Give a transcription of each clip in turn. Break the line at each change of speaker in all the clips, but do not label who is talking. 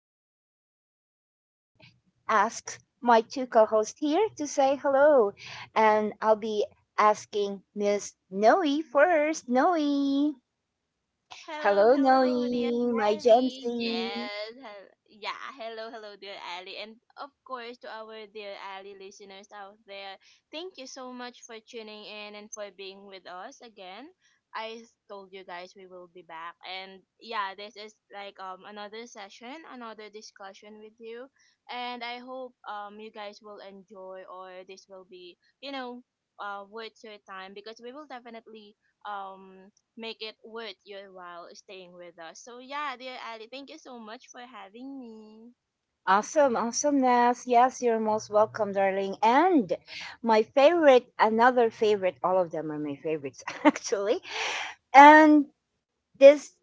let me just go and asked my two co-hosts here to say hello. And I'll be asking Miss Noe first. Noe.
Hello,
Hello,
hello, dear
Noe, my Gen
Ali.
Z.
Hello, hello, dear Ali, and of course to our dear Ali listeners out there. Thank you so much for tuning in and for being with us again. I told you guys we will be back, and yeah, this is like another session, another discussion with you, and I hope you guys will enjoy, or this will be worth your time, because we will definitely um make it worth your while staying with us. So yeah, dear Ali, thank you so much for having me.
Awesome, awesome, Nas. Yes, you're most welcome, darling. And my favorite, another favorite, all of them are my favorites, actually. And this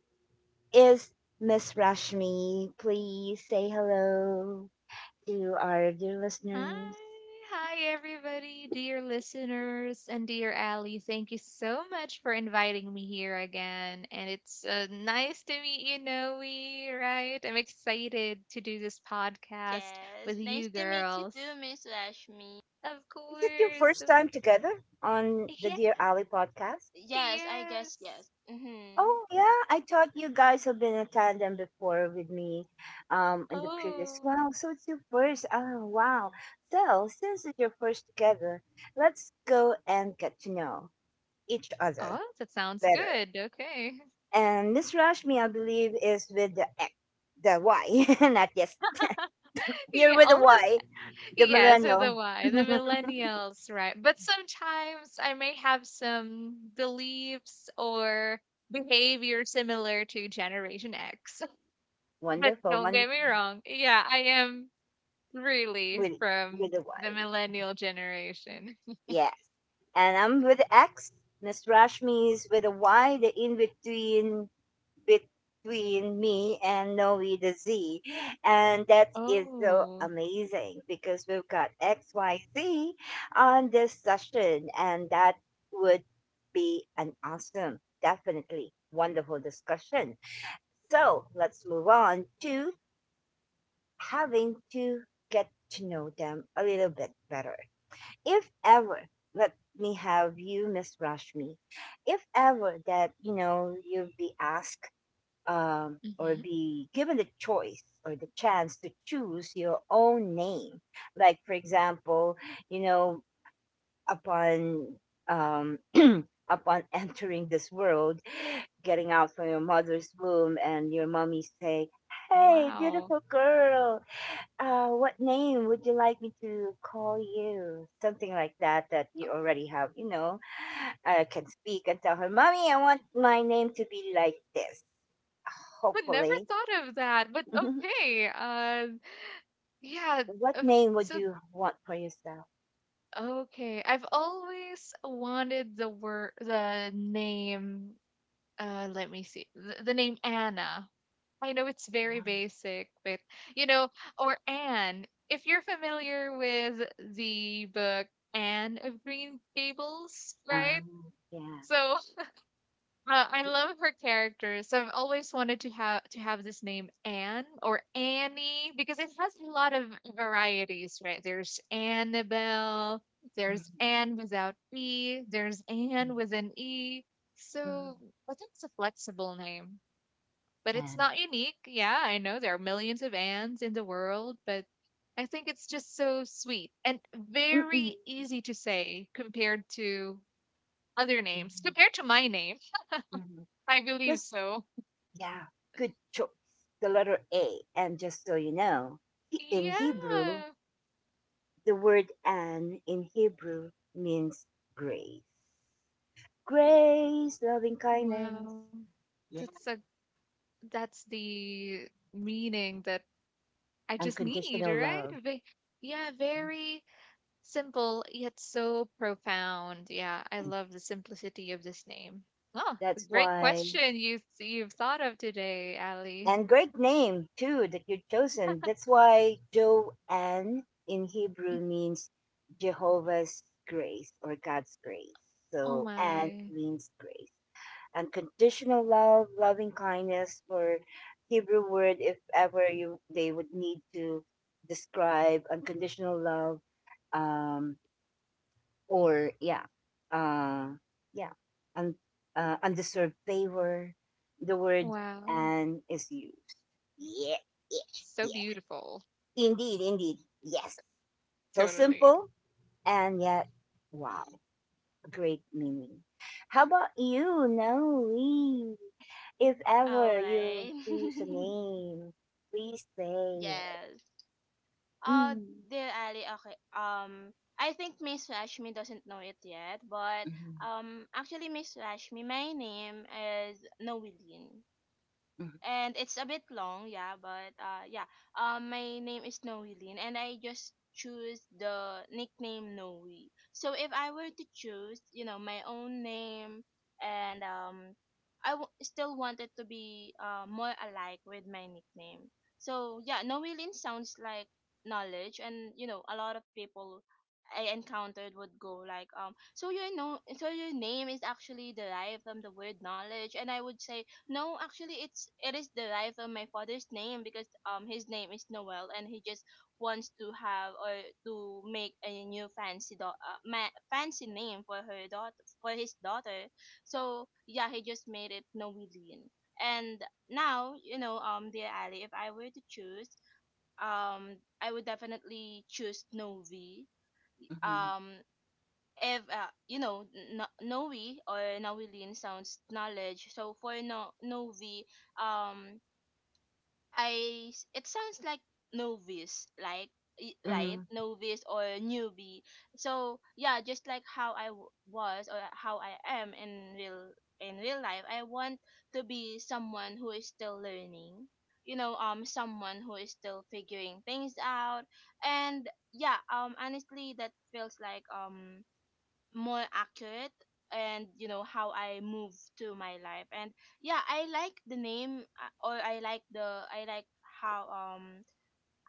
is Miss Rashmi. Please say hello to our dear
Hi,
listeners.
hi everybody, dear listeners and dear Ali. Thank you so much for inviting me here again. And it's nice to meet you, Noe, right? I'm excited to do this podcast
Yes,
with
nice
you
to meet you too,
girls.
Miss Rashmi.
Of
Is it your first
course.
time together on the
Yeah,
Dear Ali podcast?
Yes, I guess yes.
yes.
Oh,
Mhm.
yeah. I thought you guys have been a tandem before with me in the previous.
Oh,
Wow. So it's your first. Oh, wow. So since it's your first together, let's go and get to know each other
oh, that sounds
better.
good. Okay.
And Miss Rashmi, I believe, is with the the Y, not yes. You're with
Yeah,
the Y,
almost.
the
Yeah, so
millennial.
the why, the millennials, right? But sometimes I may have some beliefs or behavior similar to Generation X. But
Wonderful.
don't
Wonderful.
get me wrong. Yeah, I am
With
really
the
from the
Y.
millennial generation.
Yeah. And I'm with X. Miss Rashmi is with a Y, the in between between me and Noe the Z. And that is so
Oh,
amazing because we've got XYZ on this session, and that would be an awesome, definitely wonderful discussion. So let's move on to having to get to know them a little bit better. If ever, let me have you, Miss Rashmi, if ever that, you know, you'd be asked, or
hmm
be given the choice or the chance to choose your own name, like, for example, you know, upon um, upon entering this world, getting out from your mother's womb and your mommy say, hey,
wow.
beautiful girl, what name would you like me to call you? Something like that, that you
I
already have, you know, I can speak and tell her, Mommy, I want my name to be like this,
would never
hopefully.
thought of that, but okay. Yeah.
What
uh,
name would
So
you want for yourself?
okay, I've always wanted the word, the name, let me see the name Anna. I know it's very basic, but you know, or Anne, if you're familiar with the book Anne of Green Gables, right?
Um, yeah.
So I love her characters, so I've always wanted to have this name Anne or Annie, because it has a lot of varieties, right? There's Annabelle, there's
Mhm,
Anne without E, there's Anne
mhm,
with an E. So
mhm.
I think it's a flexible name. But it's
And
not unique. Yeah, I know there are millions of Ants in the world, but I think it's just so sweet and
mm-mm,
very easy to say compared to other names.
mhm,
Compared to my name,
mhm,
I believe
just,
so.
yeah, good choice. The letter A. And just so you know, in Hebrew,
Yeah.
the word an in Hebrew means grace. Grace, loving kindness,
Wow.
yeah.
That's a, that's the meaning that I just need,
Unconditional love.
right? Yeah, very. Simple yet so profound. Yeah, I love the simplicity of this name. Oh, a
That's
great
why,
question you've thought of today, Ali.
and great name too that you've chosen. That's why Joanne in Hebrew means Jehovah's grace or God's grace.
Oh
So, Anne
my.
means grace, unconditional love, loving kindness, or Hebrew word if ever you they would need to describe unconditional love, um, or yeah, uh, yeah, un, undeserved favor. The word
Wow.
"and" is used. Yeah, yeah,
So
yeah.
beautiful.
Indeed, indeed. Yes. So
Totally.
simple and yet, wow, great meaning. How about you, Noe? If
All
ever you,
right.
please say it.
Yes. Uh,
Mm.
dear Ali. Okay. I think Miss Rashmi doesn't know it yet, but
Mhm,
actually, Miss Rashmi, my name is Noeline,
mhm,
and it's a bit long, but yeah, my name is Noeline, and I just choose the nickname Noe. So if I were to choose, you know, my own name, and I still wanted to be, more alike with my nickname. So yeah, Noeline sounds like knowledge, and you know, a lot of people I encountered would go like, so your know, so your name is actually derived from the word knowledge, and I would say no, actually, it is derived from my father's name, because his name is Noel, and he just wants to have or to make a new fancy fancy name for her daughter for his daughter. So yeah, he just made it Noeline. And now you know, dear Ali, if I were to choose, I would definitely choose Novi.
mhm,
Um, you know, no, Noe or Nawilin sounds knowledge. So for no Novi, um, it sounds like novice, like right,
mhm,
novice or newbie. So yeah, just like how I w- was or how I am in real life, I want to be someone who is still learning. You know, someone who is still figuring things out, and yeah, honestly, that feels like more accurate, and you know, how I move to my life. And yeah, I like the name or I like how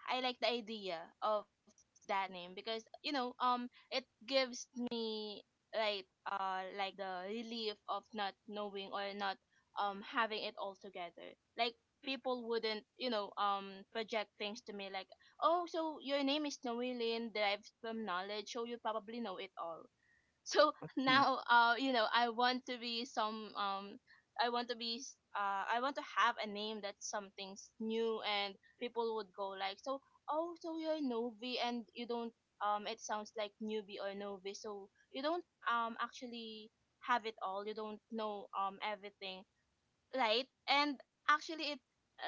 I like the idea of that name, because you know, it gives me like the relief of not knowing or not having it all together. Like, people wouldn't, you know, project things to me, like, oh, so your name is Noeline, derived from knowledge, so you probably know it all. So
mhm.
now, you know, I want to be some I want to be s- I want to have a name that's something's new, and people would go like, so, oh, so you're Novi, and you don't it sounds like newbie or Novi, so you don't actually have it all, you don't know everything, right? And actually, it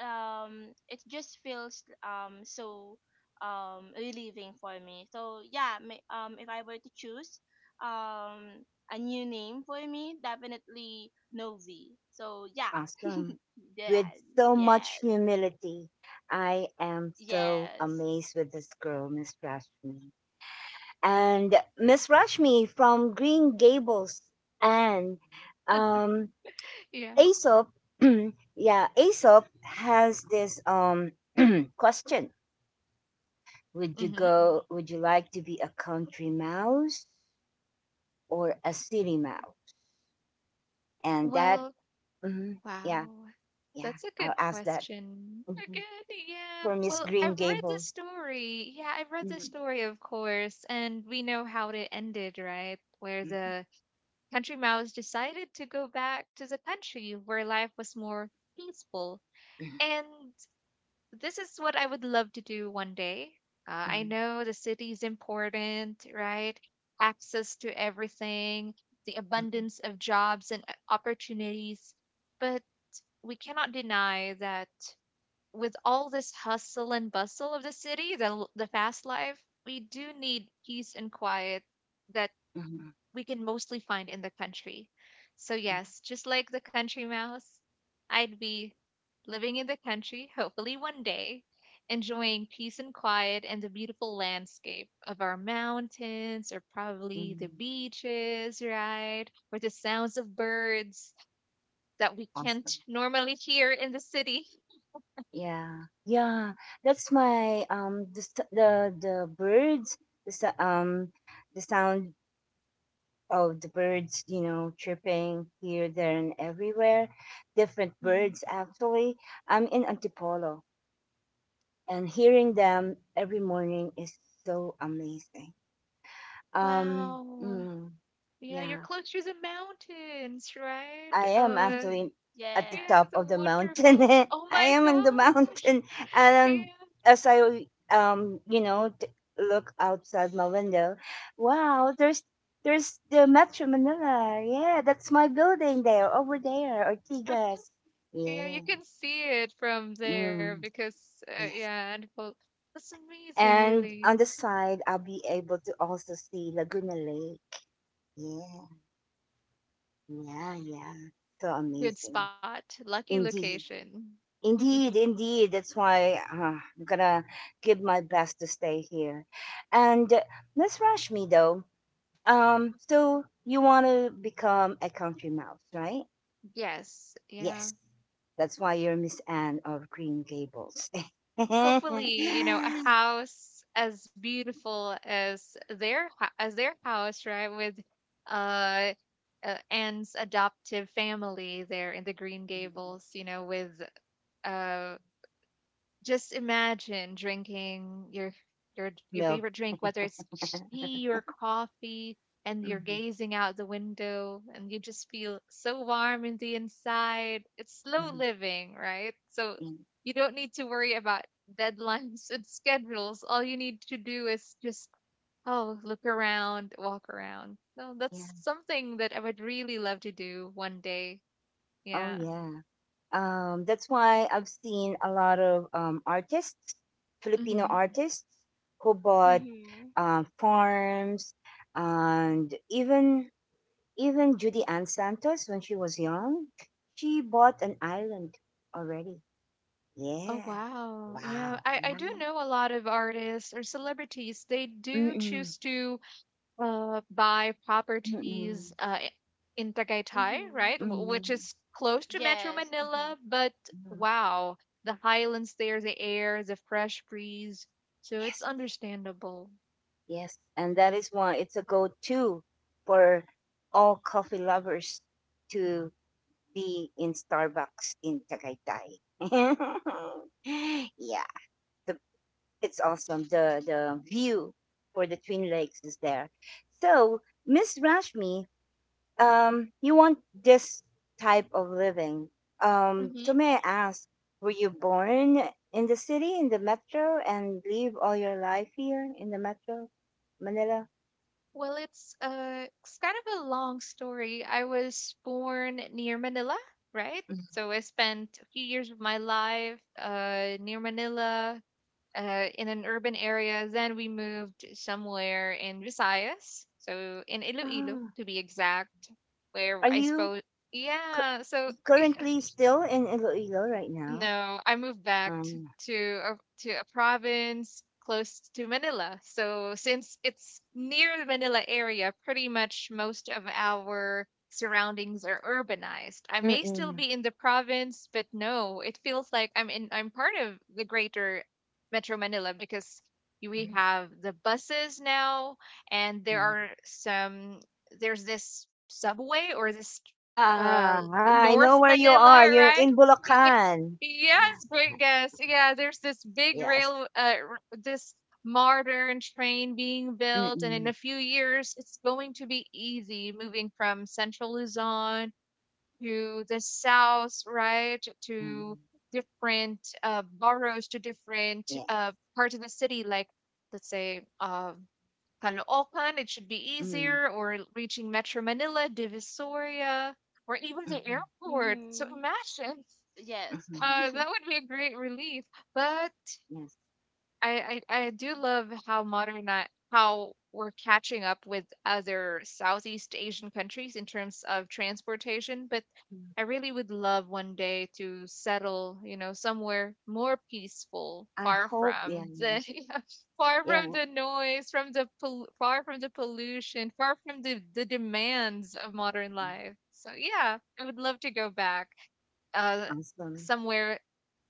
it just feels so relieving for me. So yeah, if I were to choose um a new name for me, definitely Novi. So yeah.
Awesome.
Yeah.
So much
Yes.
humility. I am so
Yes.
amazed with this girl, Miss Rashmi. And Miss Rashmi from Green Gables and um
Yeah.
Aesop, yeah, Aesop has this question. Would you
Mm-hmm.
go would you like to be a country mouse or a city mouse? And that,
Well,
mhm, yeah,
wow.
yeah,
That's a
I'll
good
ask that,
question.
mhm,
Again, yeah.
for Miss
Well,
Green
I've read the
Gables.
story. Yeah, I've read the
Mhm,
story, of course, and we know how it ended, right? Where
mhm,
the country mouse decided to go back to the country where life was more peaceful. And this is what I would love to do one day. I
mhm,
know the city is important, right? Access to everything, the
mhm,
abundance of jobs and opportunities. But we cannot deny that with all this hustle and bustle of the city, the fast life, we do need peace and quiet that
mhm,
we can mostly find in the country. So
mhm,
yes, just like the country mouse, I'd be living in the country, hopefully one day, enjoying peace and quiet and the beautiful landscape of our mountains or probably the
mhm.
beaches, right? Or the sounds of birds that we can't
Awesome.
normally hear in the city.
Yeah, yeah. That's my the birds, the s- um the sound of the birds, you know, chirping here, there, and everywhere. Different
Mhm.
birds, actually. I'm in Antipolo, and hearing them every morning is so amazing.
Wow.
Mm,
Yeah, you're
yeah,
close to the mountains, right?
I am actually at the
Yes.
top
Yeah, so
of the mountain.
wonderful. Oh
I
my
am in the mountain,
gosh.
and
Yeah.
as I you know, look outside my window, wow, there's the Metro Manila. Yeah, that's my building there, over there, Ortigas.
Yeah,
Yeah,
you can see it from there
mm,
because,
yes.
yeah, and well, that's amazing,
And
really.
on the side, I'll be able to also see Laguna Lake. Yeah, yeah, yeah. So
Good
amazing.
spot, lucky
Indeed.
location.
Indeed, indeed. That's why I'm gonna give my best to stay here. And Miss Rashmi, though, so you want to become a country mouse, right?
Yes, yeah.
Yes, that's why you're Miss Anne of Green Gables.
Hopefully, you know, a house as beautiful as their as their house, right? With uh, Anne's adoptive family there in the Green Gables, you know, with uh just imagine drinking your
Milk.
favorite drink, whether it's tea or coffee, and you're
Mhm,
gazing out the window and you just feel so warm in the inside. It's slow
mhm,
living, right? So
mhm.
you don't need to worry about deadlines and schedules. All you need to do is just oh, look around, walk around. No, that's
Yeah.
something that I would really love to do one day.
Oh
Yeah.
yeah. That's why I've seen a lot of artists, Filipino
Mm-hmm.
artists, who bought
Mhm.
farms, and even Judy Ann Santos when she was young, she bought an island already.
Oh
Yeah.
wow. Yeah,
Wow.
I, I do know a lot of artists or celebrities. They do
Mm-mm,
choose to buy properties
mm-mm,
in Tagaytay,
Mhm.
right? Which
mm-mm,
is close to Metro
Yes. Mhm.
Manila, but
mm-mm.
wow, the highlands there, the air, the fresh breeze. So it's
Yes,
understandable.
yes, and that is why it's a go-to for all coffee lovers to be in Starbucks in Tagaytay. Yeah, the, it's awesome. The view for the Twin Lakes is there. So, Miss Rashmi, you want this type of living.
hmm
So may I ask, were you born in the city, in the metro, and live all your life here in the metro, Manila?
Well, it's kind of a long story. I was born near Manila, right?
Mm.
So I spent a few years of my life near Manila, in an urban area. Then we moved somewhere in Visayas, so in Iloilo
Ah,
to be exact, where
are
I
you
suppose
cu-
yeah. So
currently still in Iloilo right now?
no, I moved back to to a province close to Manila. So since it's near the Manila area, pretty much most of our surroundings are urbanized. I
Mm.
may still
Mhm.
be in the province, but no, it feels like I'm part of the greater Metro Manila, because we have the buses now and there are some. There's this subway or this uh
Yeah, I
North
know where you
Manila,
are. You're
right?
in Bulacan.
Yes, great guess. Yeah, there's this big
Yes.
rail, this modern train being built, and in a
Mm,
few years, it's going to be easy moving from central Luzon to the south, right, to
mm,
different boroughs, to different
yeah.
parts of the city, like let's say Caloocan. It should be
Mm,
easier, or reaching Metro Manila, Divisoria, or even the
mhm,
airport. So
Mhm.
imagine.
Yes.
mhm,
That would be a great relief. But
yes.
I do love how how we're catching up with other Southeast Asian countries in terms of transportation. But
Mm.
I really would love one day to settle, you know, somewhere more peaceful,
I
far
hope, yeah.
from
Yeah,
the far from the noise, from the far from the pollution, far from the demands of modern life. So yeah, I would love to go back. Uh,
yes. Um,
Somewhere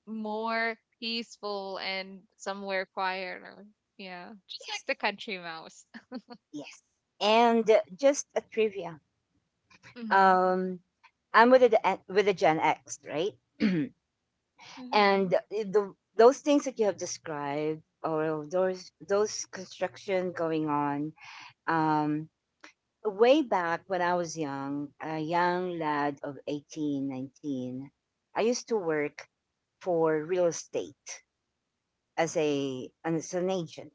more peaceful and somewhere quieter. Yeah, just
yes,
like the country mouse.
yes. And just a trivia.
hmm
Um, I'm with the Gen X, right? And
Mhm.
the, those things that you have described, or those construction going on, um, way back when I was young, a young lad of 18, 19, I used to work for real estate as a as an agent.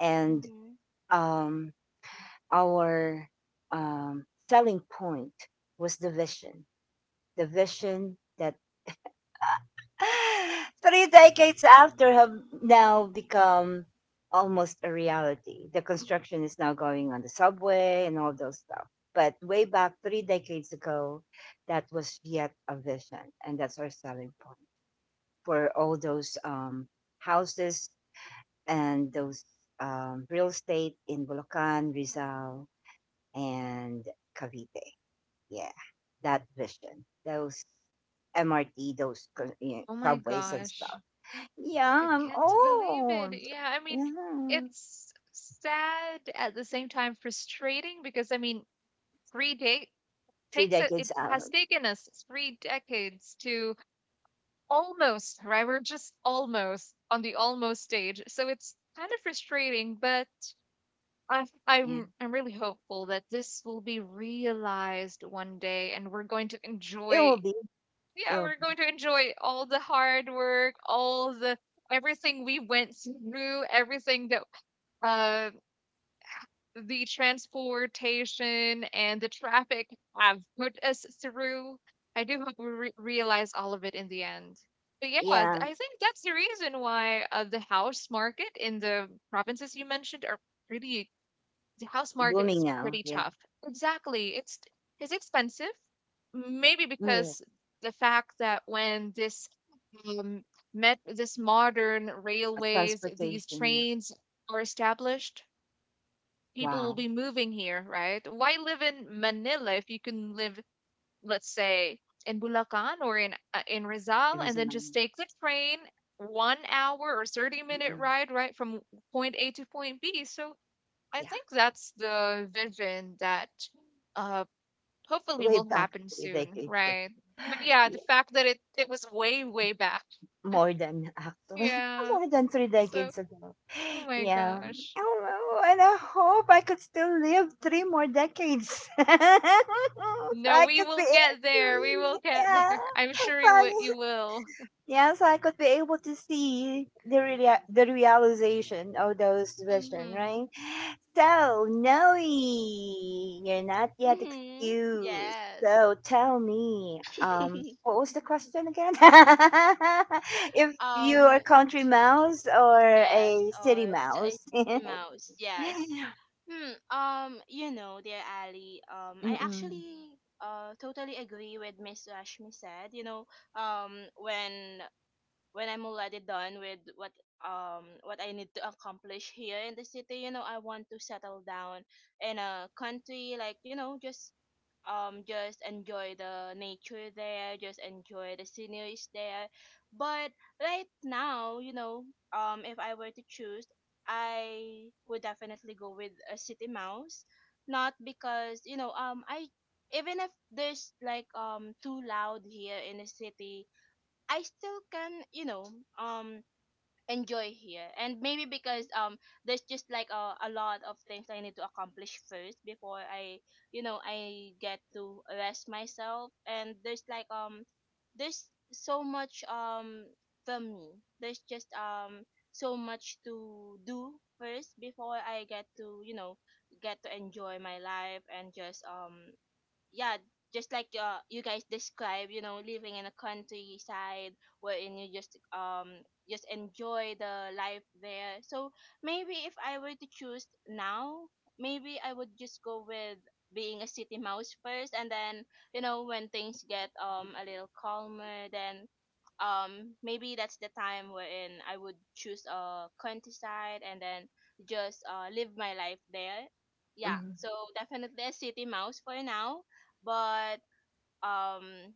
And
Mhm.
um, our um, selling point was the vision that three decades after have now become almost a reality. The construction is now going on the subway and all those stuff. But way back three decades ago, that was yet a vision, and that's our selling point for all those houses and those real estate in Bulacan, Rizal, and Cavite. Yeah, that vision, those MRT, those co- you
Oh my
subways and
gosh,
stuff, yeah,
I
I'm
can't believe it.
old.
Yeah, I mean,
Yeah.
it's sad at the same time frustrating, because I mean, three-day
Three
takes it. It
decades
has
out.
taken us three decades to almost right. We're just almost on the almost stage, so it's kind of frustrating, but. I
Yeah.
I'm I'm really hopeful that this will be realized one day and we're going to
It will
enjoy,
be.
yeah,
It will
we're
be.
going to enjoy all the hard work, all the everything we went through, everything that uh the transportation and the traffic have put us through. I do hope we realize all of it in the end. But yeah,
Yeah.
I think that's the reason why the house market in the provinces you mentioned are pretty the house market
Booming
is
now.
pretty
Yeah.
tough. Exactly. It's expensive. Maybe
Mm,
because
yes.
the fact that when this um met this modern railways, these
Transportation. Yeah.
trains are established, people will
Wow.
be moving here, right? Why live in Manila if you can live, let's say, in Bulacan or in Rizal, and then just
Everything.
take the train one hour or 30-minute
Mm-mm.
ride right from point A to point B. So I
Yeah.
think that's the vision that uh hopefully
Way
will
back
happen
three
soon,
decades ago.
right? But yeah, the
Yeah,
fact that it was way way back.
more than, actually.
Yeah.
More than three
So,
decades ago.
oh my
Yeah.
gosh.
Oh, and I hope I could still live three more decades. So
No,
I
we
could be.
will get there. We will get
Yeah.
there. I'm sure
Sorry.
you will.
Yes, I could be able to see the the realization of those vision,
hmm
right? So, Noe, you're not yet
Mhm.
excused.
Yes.
So, tell me, what was the question again? If you are
Um,
country mouse or
yes,
a
or
city
s- a
mouse?
Mickey Mouse, yes. You know, dear Ali, I
Mm-mm.
actually totally agree with Miss Rashmi said, you know, um, when when I'm already done with what I need to accomplish here in the city, you know, I want to settle down in a country, like, you know, just enjoy the nature there, just enjoy the sceneries there. But right now, you know, if I were to choose, I would definitely go with a city mouse. Not because, you know, I even if there's like too loud here in the city, I still can, you know, um enjoy here. And maybe because there's just like a lot of things I need to accomplish first before I, you know, I get to rest myself. And there's like there's so much for me. There's just so much to do first before I get to, you know, get to enjoy my life and just yeah, just like, you guys describe, you know, living in a countryside wherein you just enjoy the life there. So maybe if I were to choose now, maybe I would just go with being a city mouse first, and then you know, when things get a little calmer, then maybe that's the time wherein I would choose a countryside, and then just live my life there. Yeah,
Mm.
so definitely a city mouse for now, but um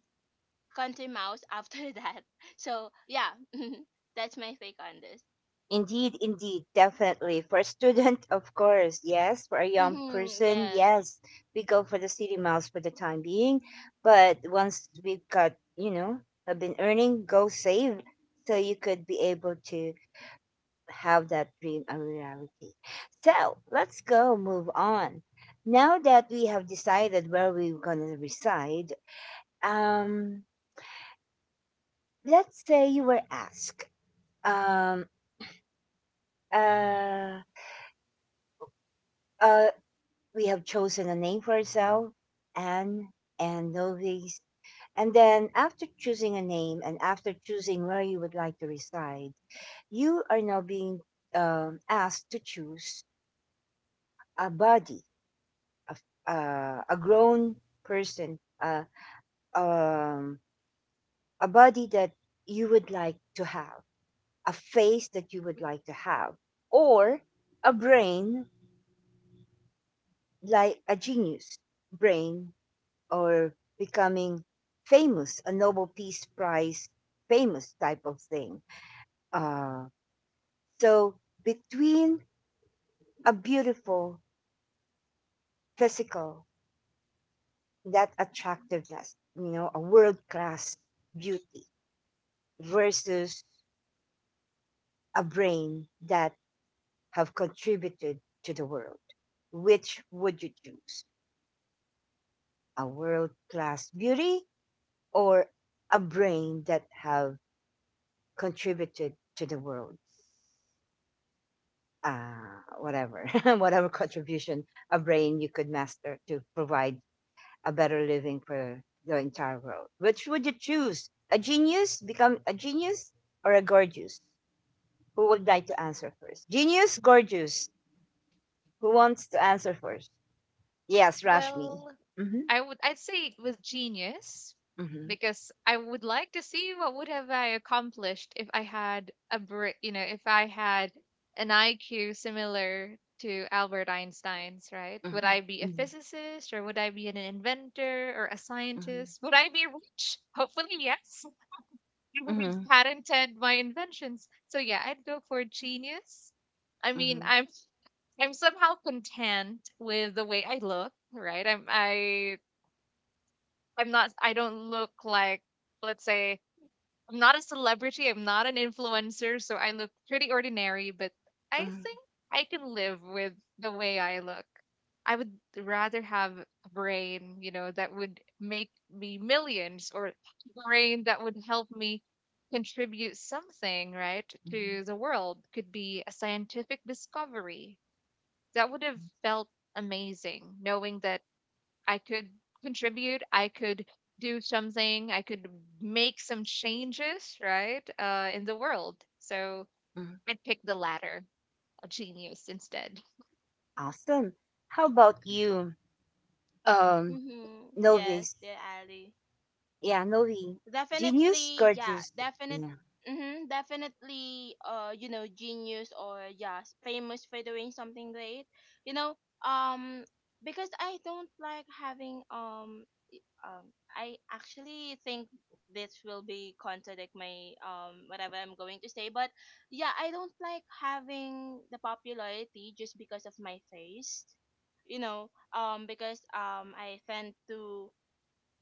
country mouse after that. So yeah, that's my take on this.
Indeed, indeed, definitely. For a student, of course, yes. For a young
Mm-hmm,
person,
yes.
yes, we go for the city miles for the time being. But once we've got, you know, have been earning, go save so you could be able to have that dream a reality. So let's go move on. Now that we have decided where we're gonna reside, um, let's say you were asked, um, uh, uh, we have chosen a name for ourselves, Anne and Novi. And then after choosing a name and after choosing where you would like to reside, you are now being asked to choose a body, a, a grown person, um, a body that you would like to have, a face that you would like to have, or a brain like a genius brain or becoming famous, a Nobel Peace Prize famous type of thing. Uh, So between a beautiful physical, that attractiveness, you know, a world class beauty versus a brain that have contributed to the world, which would you choose? A world class beauty or a brain that have contributed to the world? Whatever, whatever contribution a brain you could master to provide a better living for the entire world. Which would you choose? A genius, become a genius, or a gorgeous? Who would like to answer first? Genius, gorgeous. Who wants to answer first? Yes, Rashmi.
Well,
Mm-hmm.
I'd say it was genius,
Mm-hmm.
because I would like to see what would have I accomplished if I had a you know if I had an IQ similar to Albert Einstein's, right? Would I be a
Mm-hmm.
physicist, or would I be an inventor or a
Mm-hmm.
scientist? Would I be rich? Hopefully, yes. I would
Mm-hmm.
have patented my inventions. So yeah, I'd go for genius. I mean, I'm somehow content with the way I look, right? I'm I I'm not I don't look like, let's say, I'm not a celebrity, I'm not an influencer, so I look pretty ordinary, but I
Mm-hmm.
think I can live with the way I look. I would rather have a brain, you know, that would make me millions, or a brain that would help me contribute something, right, to the world. Could be a scientific discovery. That would have felt amazing knowing that I could contribute, I could do something, I could make some changes, right, in the world. So
Mm-hmm.
I'd pick the latter, a genius instead.
Awesome. How about you, um,
Mm-hmm,
Novi?
yes, dear Ali.
Yeah, Novi. Genius,
Definitely yeah
gorgeous.
definite
Yeah.
Mm-hmm, definitely, you know, genius, or yeah, famous for doing something great. You know, um because I don't like having I actually think this will be contradict my whatever I'm going to say, but yeah, I don't like having the popularity just because of my face, you know, because i tend to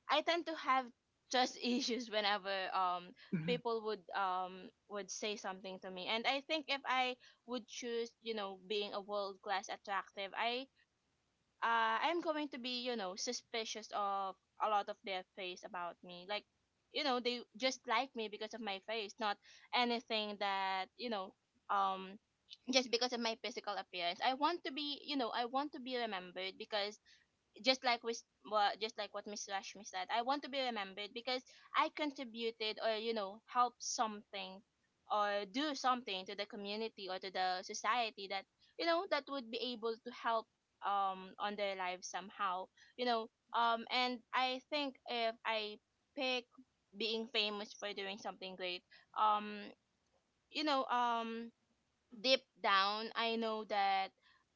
I tend to have trust issues whenever people would say something to me. And I think if I would choose, you know, being a world class attractive, I'm going to be, you know, suspicious of a lot of their face about me. Like, you know, they just like me because of my face, not anything that, you know, um just because of my physical appearance. I want to be, you know, I want to be remembered because, just like we, just like what Miss Rashmi said, I want to be remembered because I contributed, or you know, helped something, or do something to the community or to the society that you know, that would be able to help on their lives somehow, you know. And I think if I pick being famous for doing something great, um you know, deep down, I know that,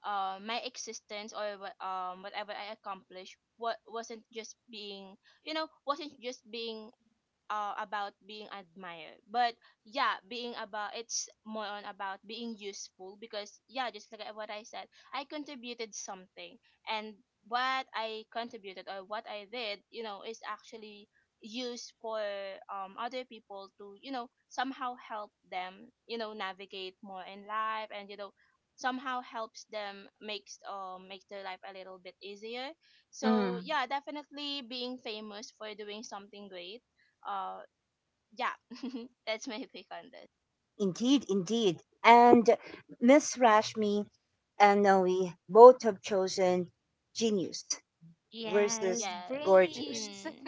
my existence, or whatever I accomplished what wasn't just being, you know, wasn't just being, about being admired, but yeah, being about, it's more on about being useful, because yeah, just like what I said, I contributed something. And what I contributed, or what I did, you know, is actually used for other people to, you know, somehow help them, you know, navigate more in life, and you know, somehow helps them, make their life a little bit easier. So
Mm-hmm.
yeah, definitely being famous for doing something great, uh, yeah, that's my pick on this.
Indeed, indeed. And Miss Rashmi and Noe both have chosen genius
Yes,
versus
Yes.
gorgeous.
brains.
Mm-hmm.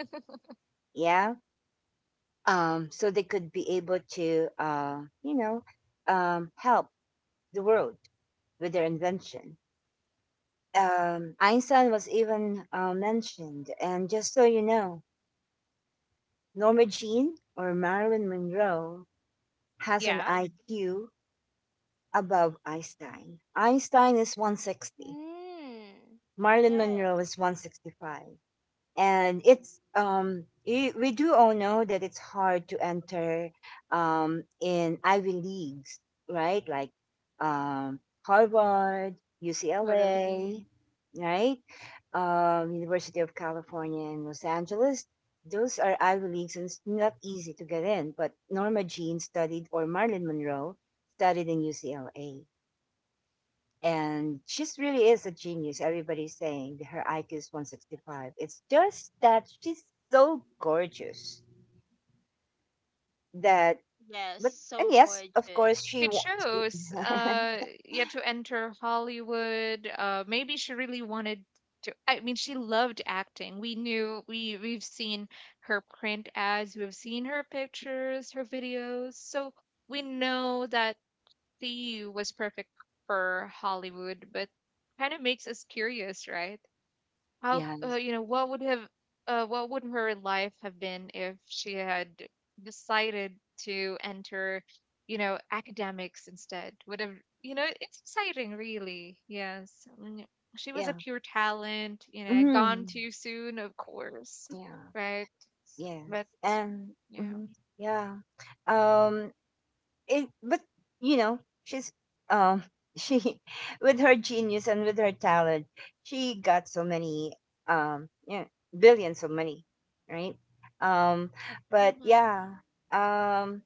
Yeah. So they could be able to, help the world with their invention. Einstein was even mentioned. And just so you know, Norma Jean or Marilyn Monroe has an
Yeah,
IQ above Einstein. Einstein is 160.
Mm.
Marilyn Monroe
Yes.
is 165. And we do all know that it's hard to enter in Ivy Leagues, right? Like um Harvard,
totally.
UCLA, right? University of California in Los Angeles. Those are Ivy Leagues and it's not easy to get in, but Norma Jean studied or Marilyn Monroe studied in UCLA and she's really is a genius. Everybody's saying that her IQ is 165. It's just that she's so gorgeous that,
Yes.
but and
So
yes, of course
gorgeous.
she
She
wants. She,
chose, yeah, to enter Hollywood. Maybe she really wanted to. I mean, she loved acting. We knew we've seen her print ads, we've seen her pictures, her videos. So we know that Lee was perfect for Hollywood, but kind of makes us curious, right? How
yeah,
you know what would have what would her life have been if she had decided to enter, you know, academics instead? Would have, you know? It's exciting, really. Yes, mm, she was a
yeah,
pure talent. You know, gone
mm,
too soon, of course,
yeah,
right?
yes,
But
and
yeah,
mhm, yeah. Um, it, but you know she's um she with her genius and with her talent she got so many yeah billions of money, right? um but
hmm
yeah um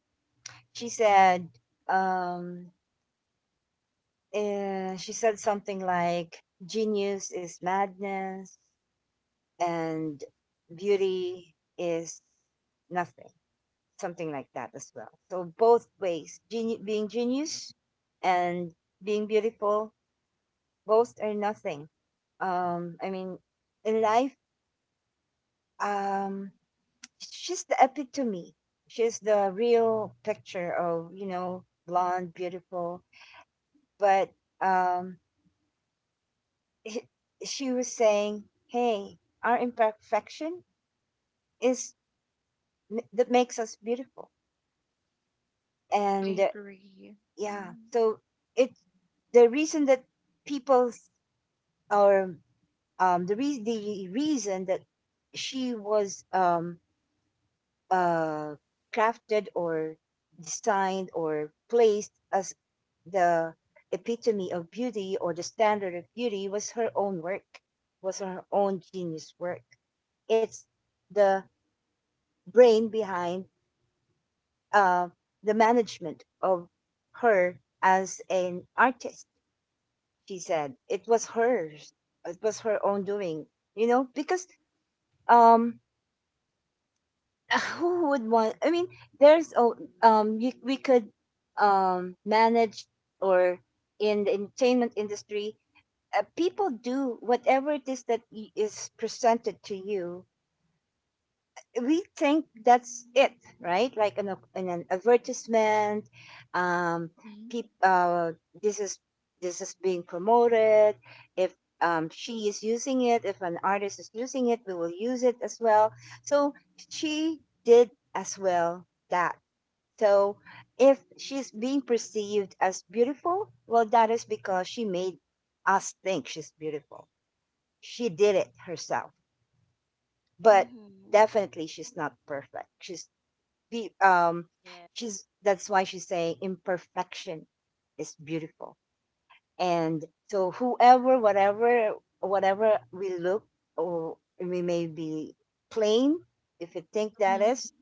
she said um she said something like genius is madness and beauty is nothing, something like that as well. So both ways, being genius and being beautiful, both are nothing. I mean, in life, um, she's the epitome. She's the real picture of you know blonde, beautiful. But um, h- she was saying, "Hey, our imperfection is that makes us beautiful."
I
And
agree.
yeah,
Mm-hmm.
so it the reason that people or the reason that she was uh, crafted or designed or placed as the epitome of beauty or the standard of beauty was her own work, was her own genius work. It's the brain behind uh, the management of her as an artist. She said it was hers. It was her own doing. You know because um who would want I mean there's oh, you, we could manage or in the entertainment industry people do whatever it is that is presented to you, we think that's it, right? Like an in an advertisement, um, peop, uh, this is this is being promoted. If she is using it, if an artist is using it, we will use it as well. So she did as well that. So if she's being perceived as beautiful, well, that is because she made us think she's beautiful. She did it herself, but
Mm-hmm.
definitely she's not perfect. She's the
Yeah.
she's that's why she's saying imperfection is beautiful and so whoever, whatever we look or we may be plain, if you think that is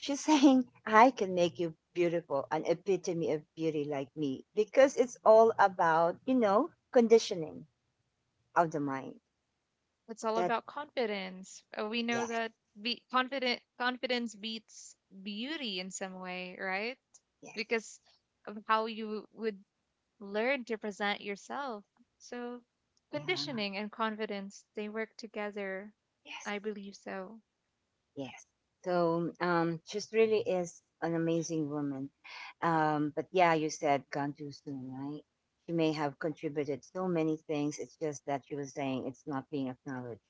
she's saying I can make you beautiful, an epitome of beauty like me, because it's all about you know conditioning of the mind.
It's all
That,
about confidence. We know
yes,
that be confident confidence beats beauty in some way, right?
yes,
Because of how you would learn to present yourself. So
yeah,
conditioning and confidence, they work together.
yes.
I believe so.
Yes. So she really is an amazing woman. But yeah, you said gone too soon, right? She may have contributed so many things. It's just that she was saying it's not being acknowledged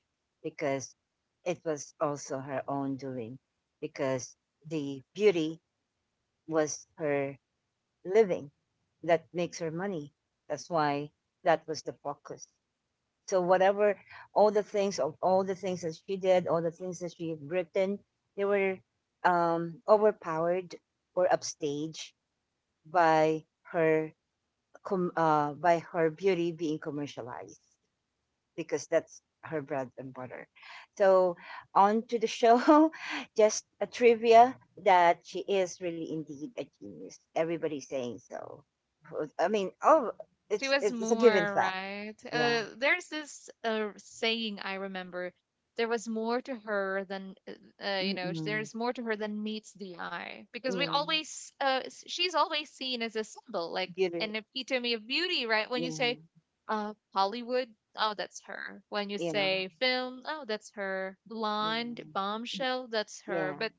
because it was also her own doing because the beauty was her living that makes her money. That's why that was the focus. So whatever, all the things that she did, all the things that she had written, they were overpowered or upstaged by her by her beauty being commercialized because that's her bread and butter. So on to the show, just a trivia that she is really indeed a genius. Everybody's saying so. I mean, oh,
She
it's
was
it's, it's a given
more,
fact.
right?
Yeah.
There's this saying I remember. There was more to her than, you know,
Mm-mm.
there's more to her than meets the eye. Because we
Yeah.
always, she's always seen as a symbol, like
Beauty.
an epitome of beauty, right? When you
Yeah,
say Hollywood, oh, that's her. When you
yeah,
say film, oh, that's her.
yeah,
Blonde, bombshell, that's her.
yeah,
But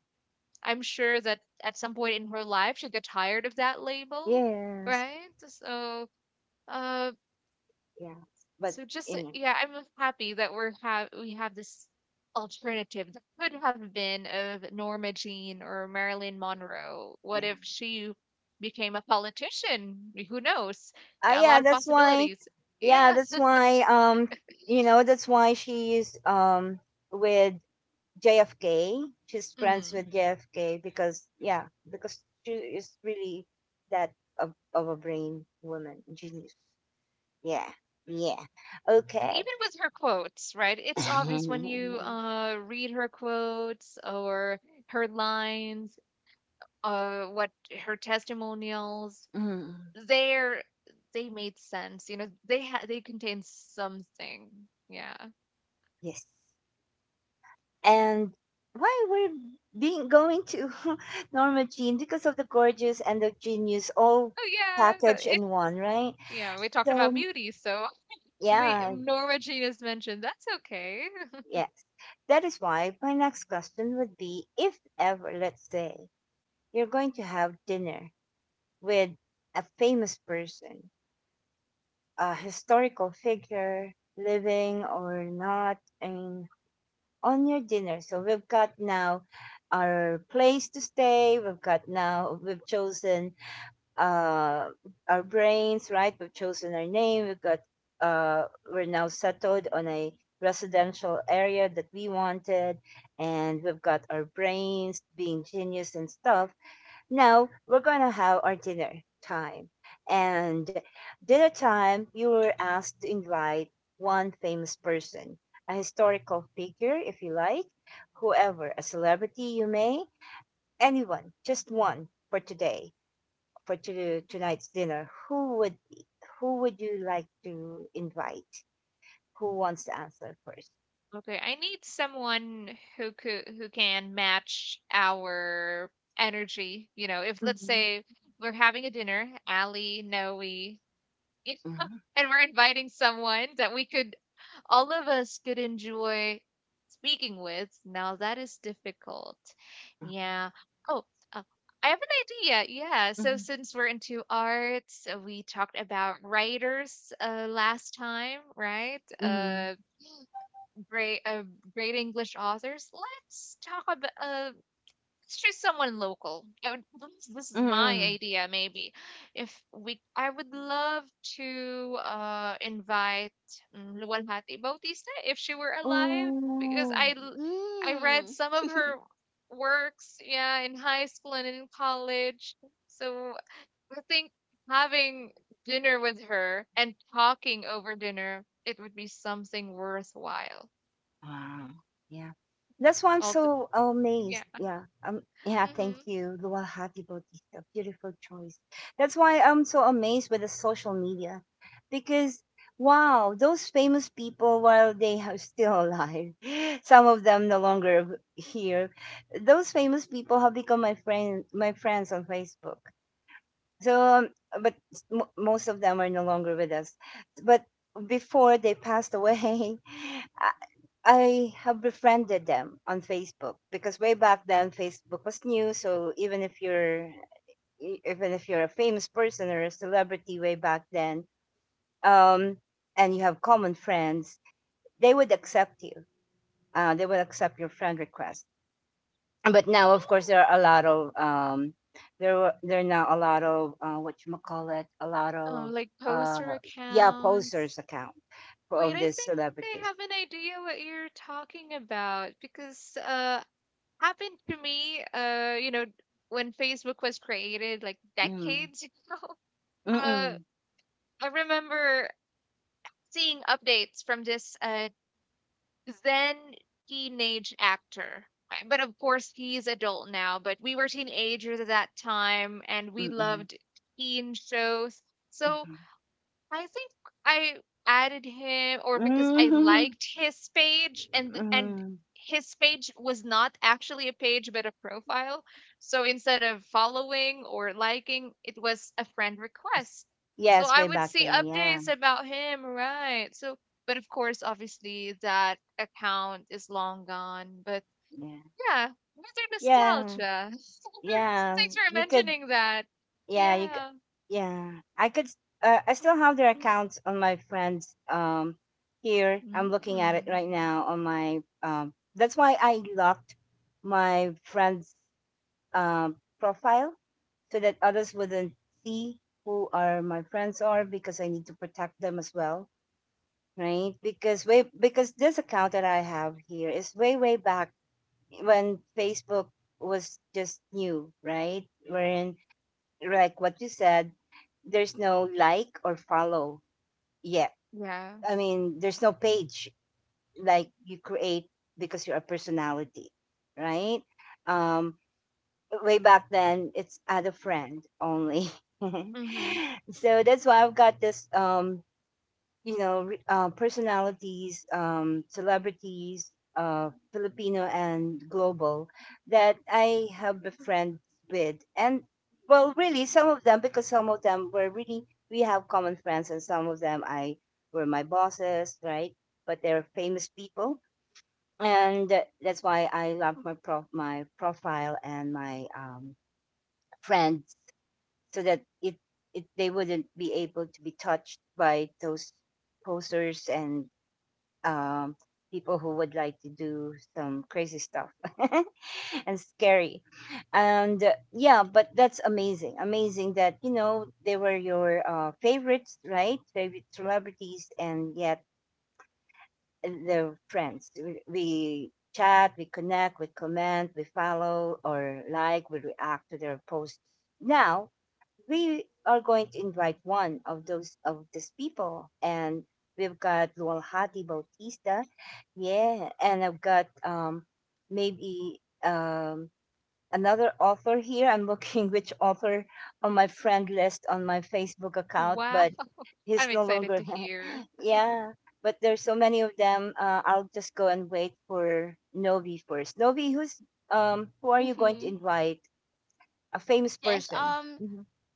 I'm sure that at some point in her life, she got tired of that label,
yes,
right? So uh
yeah. But
so just
you know,
yeah, I'm happy that we have this alternative that could have been of Norma Jean or Marilyn Monroe. What
yeah.
if she became a politician? Who knows? A
Yeah,
lot of
that's why.
possibilities.
Yeah,
Yeah.
that's why. You know, that's why she's with JFK. She's friends
Mm.
with JFK because yeah, because she is really that of a brain woman genius. Yeah, yeah.
And
Okay.
even with her quotes, right? It's obvious when you
mm.
read her quotes or her lines, what her testimonials,
Mm,
they're they made sense. You know, they contain something. Yeah.
yes. And why we're being going to Norma Jean because of the gorgeous and the genius all
Oh yeah.
packaged in one, right?
Yeah. We talked about
So
beauty, so we
yeah,
Norma Gina's mentioned. That's okay.
yeah. That is why my next question would be, if ever, let's say, you're going to have dinner with a famous person, a historical figure, living or not, and on your dinner. So we've got now our place to stay. We've got now we've chosen uh, our brains, right? We've chosen our name. We've got, we're now settled on a residential area that we wanted, and we've got our brains being genius and stuff. Now we're gonna have our dinner time, and dinner time you were asked to invite one famous person, a historical figure, if you like, whoever, a celebrity, you may, anyone, just one for today tonight's dinner, who would you like to invite? Who wants to answer first?
Okay. I need someone who can match our energy. You know, if let's
Mm-hmm.
say we're having a dinner, Ali, Noe, you know,
Mm-hmm.
and we're inviting someone that we could all of us could enjoy speaking with. Now that is difficult. Yeah. Oh, uh, I have an idea. Yeah. So since we're into arts, we talked about writers last time, right?
Mm-hmm. Mm-hmm.
Great, uh, great English authors. Let's talk about Let's choose someone local. I would, this is my
Mm-hmm.
idea, maybe. If we, I would love to invite Luwalhati Bautista if she were alive, because
Oh.
I read
Mm.
some of her works, yeah, in high school and in college. So I think having dinner with her and talking over dinner, it would be something worthwhile.
Wow. Yeah. That's why I'm
All the,
so
yeah.
amazed. Yeah. Yeah, thank
Hmm.
you. Luwalhati Bautista. Beautiful choice. That's why I'm so amazed with the social media. Because wow, those famous people while they are still alive, some of them no longer here. Those famous people have become my friends on Facebook. So but s- mo most of them are no longer with us. But before they passed away, I I have befriended them on Facebook because way back then Facebook was new. So even if you're even if you're a famous person or a celebrity way back then, um, and you have common friends, they would accept you. They would accept your friend request. But now, of course, there are a lot of there are now a lot of what you call it, a lot
Oh,
of
like
uh,
poster
yeah,
accounts.
posers account
Wait,
of
I
these
think I
celebrities.
have an idea what you're talking about because happened to me you know when Facebook was created like
Mm.
decades ago. Uh
Mm-mm.
I remember seeing updates from this then teenage actor. But of course he's adult now, but we were teenagers at that time and we
Mm-mm.
loved teen shows. So
Mm-mm.
I think I added him or because I
Mhm,
liked his page and
mhm.
his page was not actually a page but a profile. So instead of following or liking, it was a friend
Yes,
request. So
Yes,
I
way
would
back
see
then. Yeah,
updates about him, right? So but of course obviously that account is long gone, but
yeah,
yeah, another nostalgia.
yeah,
Thanks
yeah,
for mentioning that.
yeah. You, c-
Yeah.
yeah. I could. S- I still have their accounts on my friends. Here I'm looking at it
Mm.
right now on my. That's why I locked my friends' profile so that others wouldn't see who are my friends are because I need to protect them as well, right? Because way because this account that I have here is way way back when Facebook was just new, right? Wherein like what you said, there's no like or follow yet.
Yeah.
I mean, there's no page like you create because you're a personality, right? Um, way back then, it's add a friend only.
Hmm.
So that's why I've got this you know personalities, celebrities, Filipino and global that I have befriends with, and well, really some of them because some of them were really we have common friends, and some of them I were my bosses, right? But they're famous people, and that's why I love my my profile and my friends so that it they wouldn't be able to be touched by those posters and um, people who would like to do some crazy stuff and scary. And yeah, but that's amazing. Amazing that, you know, they were your favorites, right? Favorite celebrities, and yet they're friends. We chat, we connect, we comment, we follow or like, we react to their posts, now we are going to invite one of those of these people, and we've got Lualhati Bautista. Yeah, and I've got maybe another author here. I'm looking which author on my friend list on my Facebook account,
Wow,
but
I'm
he's no
excited to
longer
hear.
yeah. But there's so many of them. I'll just go and wait for Novi first. Novi, who are you going to
Mm-hmm.
invite? A famous
Yes.
person.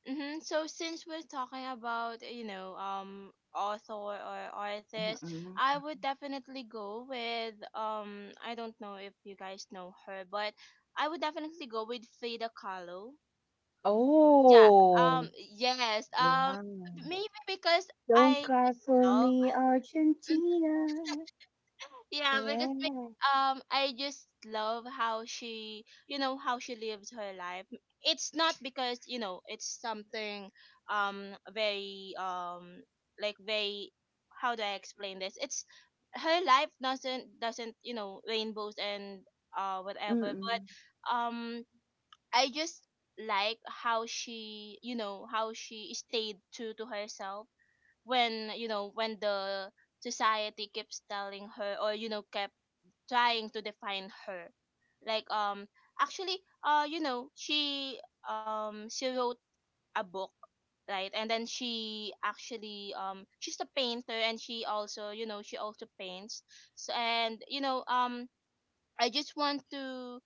Mm-hmm. So since we're talking about, you know, author or artist, I
Hmm.
would definitely go with. I don't know if you guys know her, but I would definitely go with Frida Kahlo. Yeah. um
Oh.
yes um maybe because
Don't
I
call
just love
me
mm,
Argentina.
yeah, because
Yeah.
I just love how she, you know, how she lives her life. It's not because, you know, it's something very like very, how do I explain this, it's her life doesn't, you know, rainbows and whatever, but
Mm-mm.
I just like how she, you know, how she stayed true to herself when, you know, when the society keeps telling her, or, you know, kept trying to define her. Like, actually, you know, she wrote a book, right? And then she actually, she's a painter, and she also, you know, she also paints. So, and, you know, um, I just want to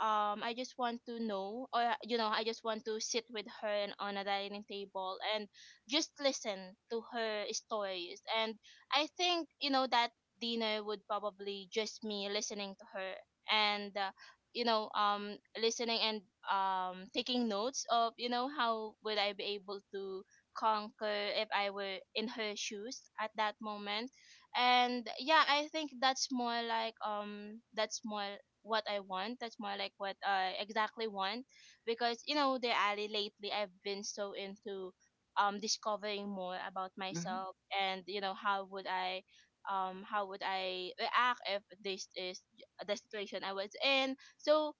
I just want to know, or I just want to sit with her and on a dining table and just listen to her stories. And I think that dinner would probably just me listening to her. And listening and taking notes of how would I be able to conquer if I were in her shoes at that moment. And yeah, I think that's more like that's more what I want, that's more like what I exactly want. Because you know the alley lately I've been so into discovering more about
Mhm.
myself and how would I how would I react if this is the situation I was in. So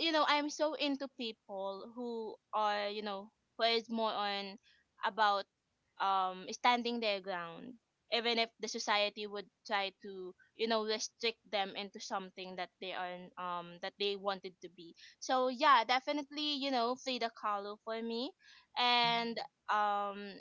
I'm so into people who are who is more on about standing their ground, even if the society would try to restrict them into something that they are that they wanted to be. So yeah, definitely, Frida Kahlo for me. And um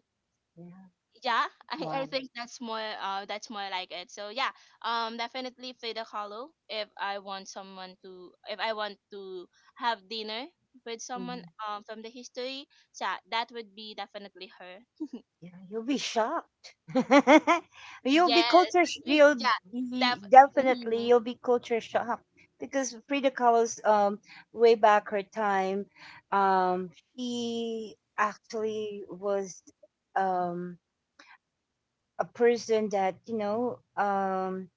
Yeah.
yeah. I
Wow.
think that's more like it, so yeah. Definitely play the Hollow if I want someone to, if I want to have dinner with someone from the history. So yeah, that would be definitely her.
Yeah, you'll be shocked. you'll be
Yes.
culture sh-
Mhm.
y-
Yeah.
y-
def-
definitely
hmm.
you'll be culture shocked because Frida Kahlo's way back her time, um she actually was um a person that you know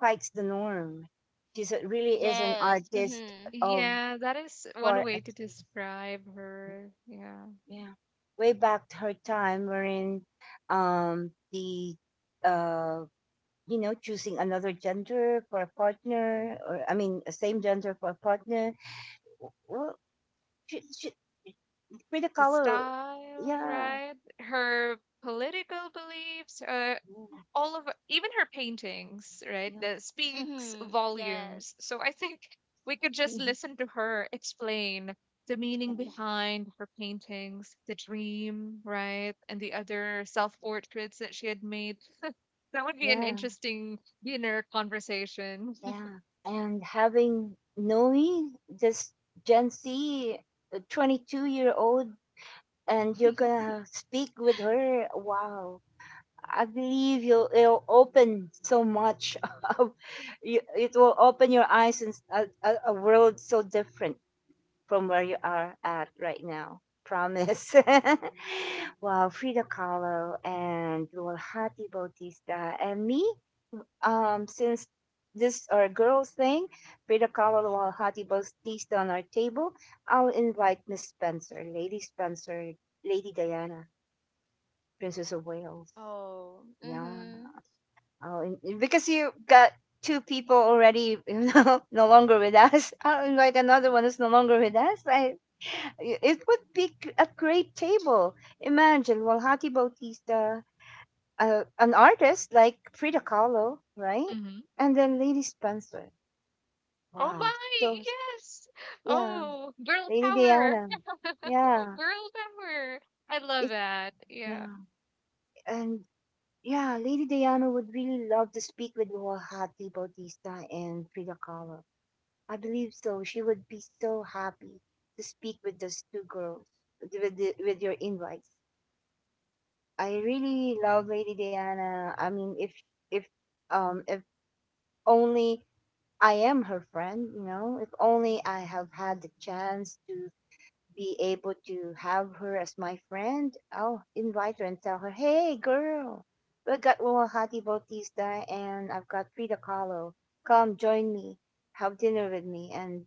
fights the norm. Really is an
Yes.
artist
Mm-hmm.
of
Yeah, that is one
for
way to describe her. Yeah,
yeah, way back to her time, wherein the uh, you know choosing another gender for a partner, or I mean, a same gender for a partner. Well, she, she, Frida
the
Kahlo,
style,
yeah,
right? Her political beliefs,
yeah,
all of even her paintings, right? That speaks
Mm-hmm. Yes.
volumes. So I think we could just
yeah,
listen to her explain the meaning behind her paintings, the dream, right? And the other self-portraits that she had made. That would be an
yeah.
interesting dinner conversation.
Yeah, and having Nomi, this Gen Z, 22-year-old, and you're gonna speak with her. Wow, I believe you'll it'll open so much. Of, you, it will open your eyes in a world so different from where you are at right now. Promise. Wow, Frida Kahlo and Lual Hati Bautista and me, since this our girl thing, Frida Kahlo while Hati Bautista on our table, I'll invite Miss Spencer, Lady Spencer, Lady Diana, Princess of Wales.
Oh.
Yeah,
Mm-hmm.
because you got two people already, you know, no longer with us. I'll invite another one who's no longer with us. It would be a great table. Imagine Walhati Bautista, an artist like Frida Kahlo, right? And then Lady Spencer.
Oh
Wow.
my,
So,
yes.
yeah,
Oh, girl
Lady
power.
Diana. Yeah,
Girl power. I
it
love that. Yeah.
Yeah. And yeah, Lady Diana would really love to speak with Rohati Bautista and Frida Kahlo. I believe so. She would be so happy to speak with those two girls with with your invites. I really love Lady Diana. I mean, if if only I am her friend, if only I have had the chance to be able to have her as my friend, I'll invite her and tell her, hey, girl, we got Ruahati Bautista and I've got Frida Kahlo. Come join me, have dinner with me. And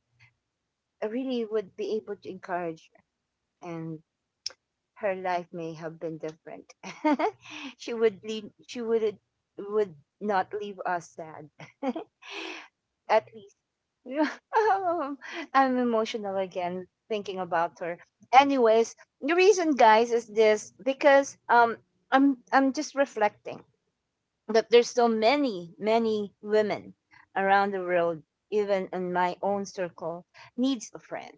I really would be able to encourage her, and her life may have been different. She would not leave us sad. At least I'm emotional again thinking about her. Anyways, the reason, guys, is this because I'm just reflecting that there's so many women around the world, even in my own circle, needs a friend.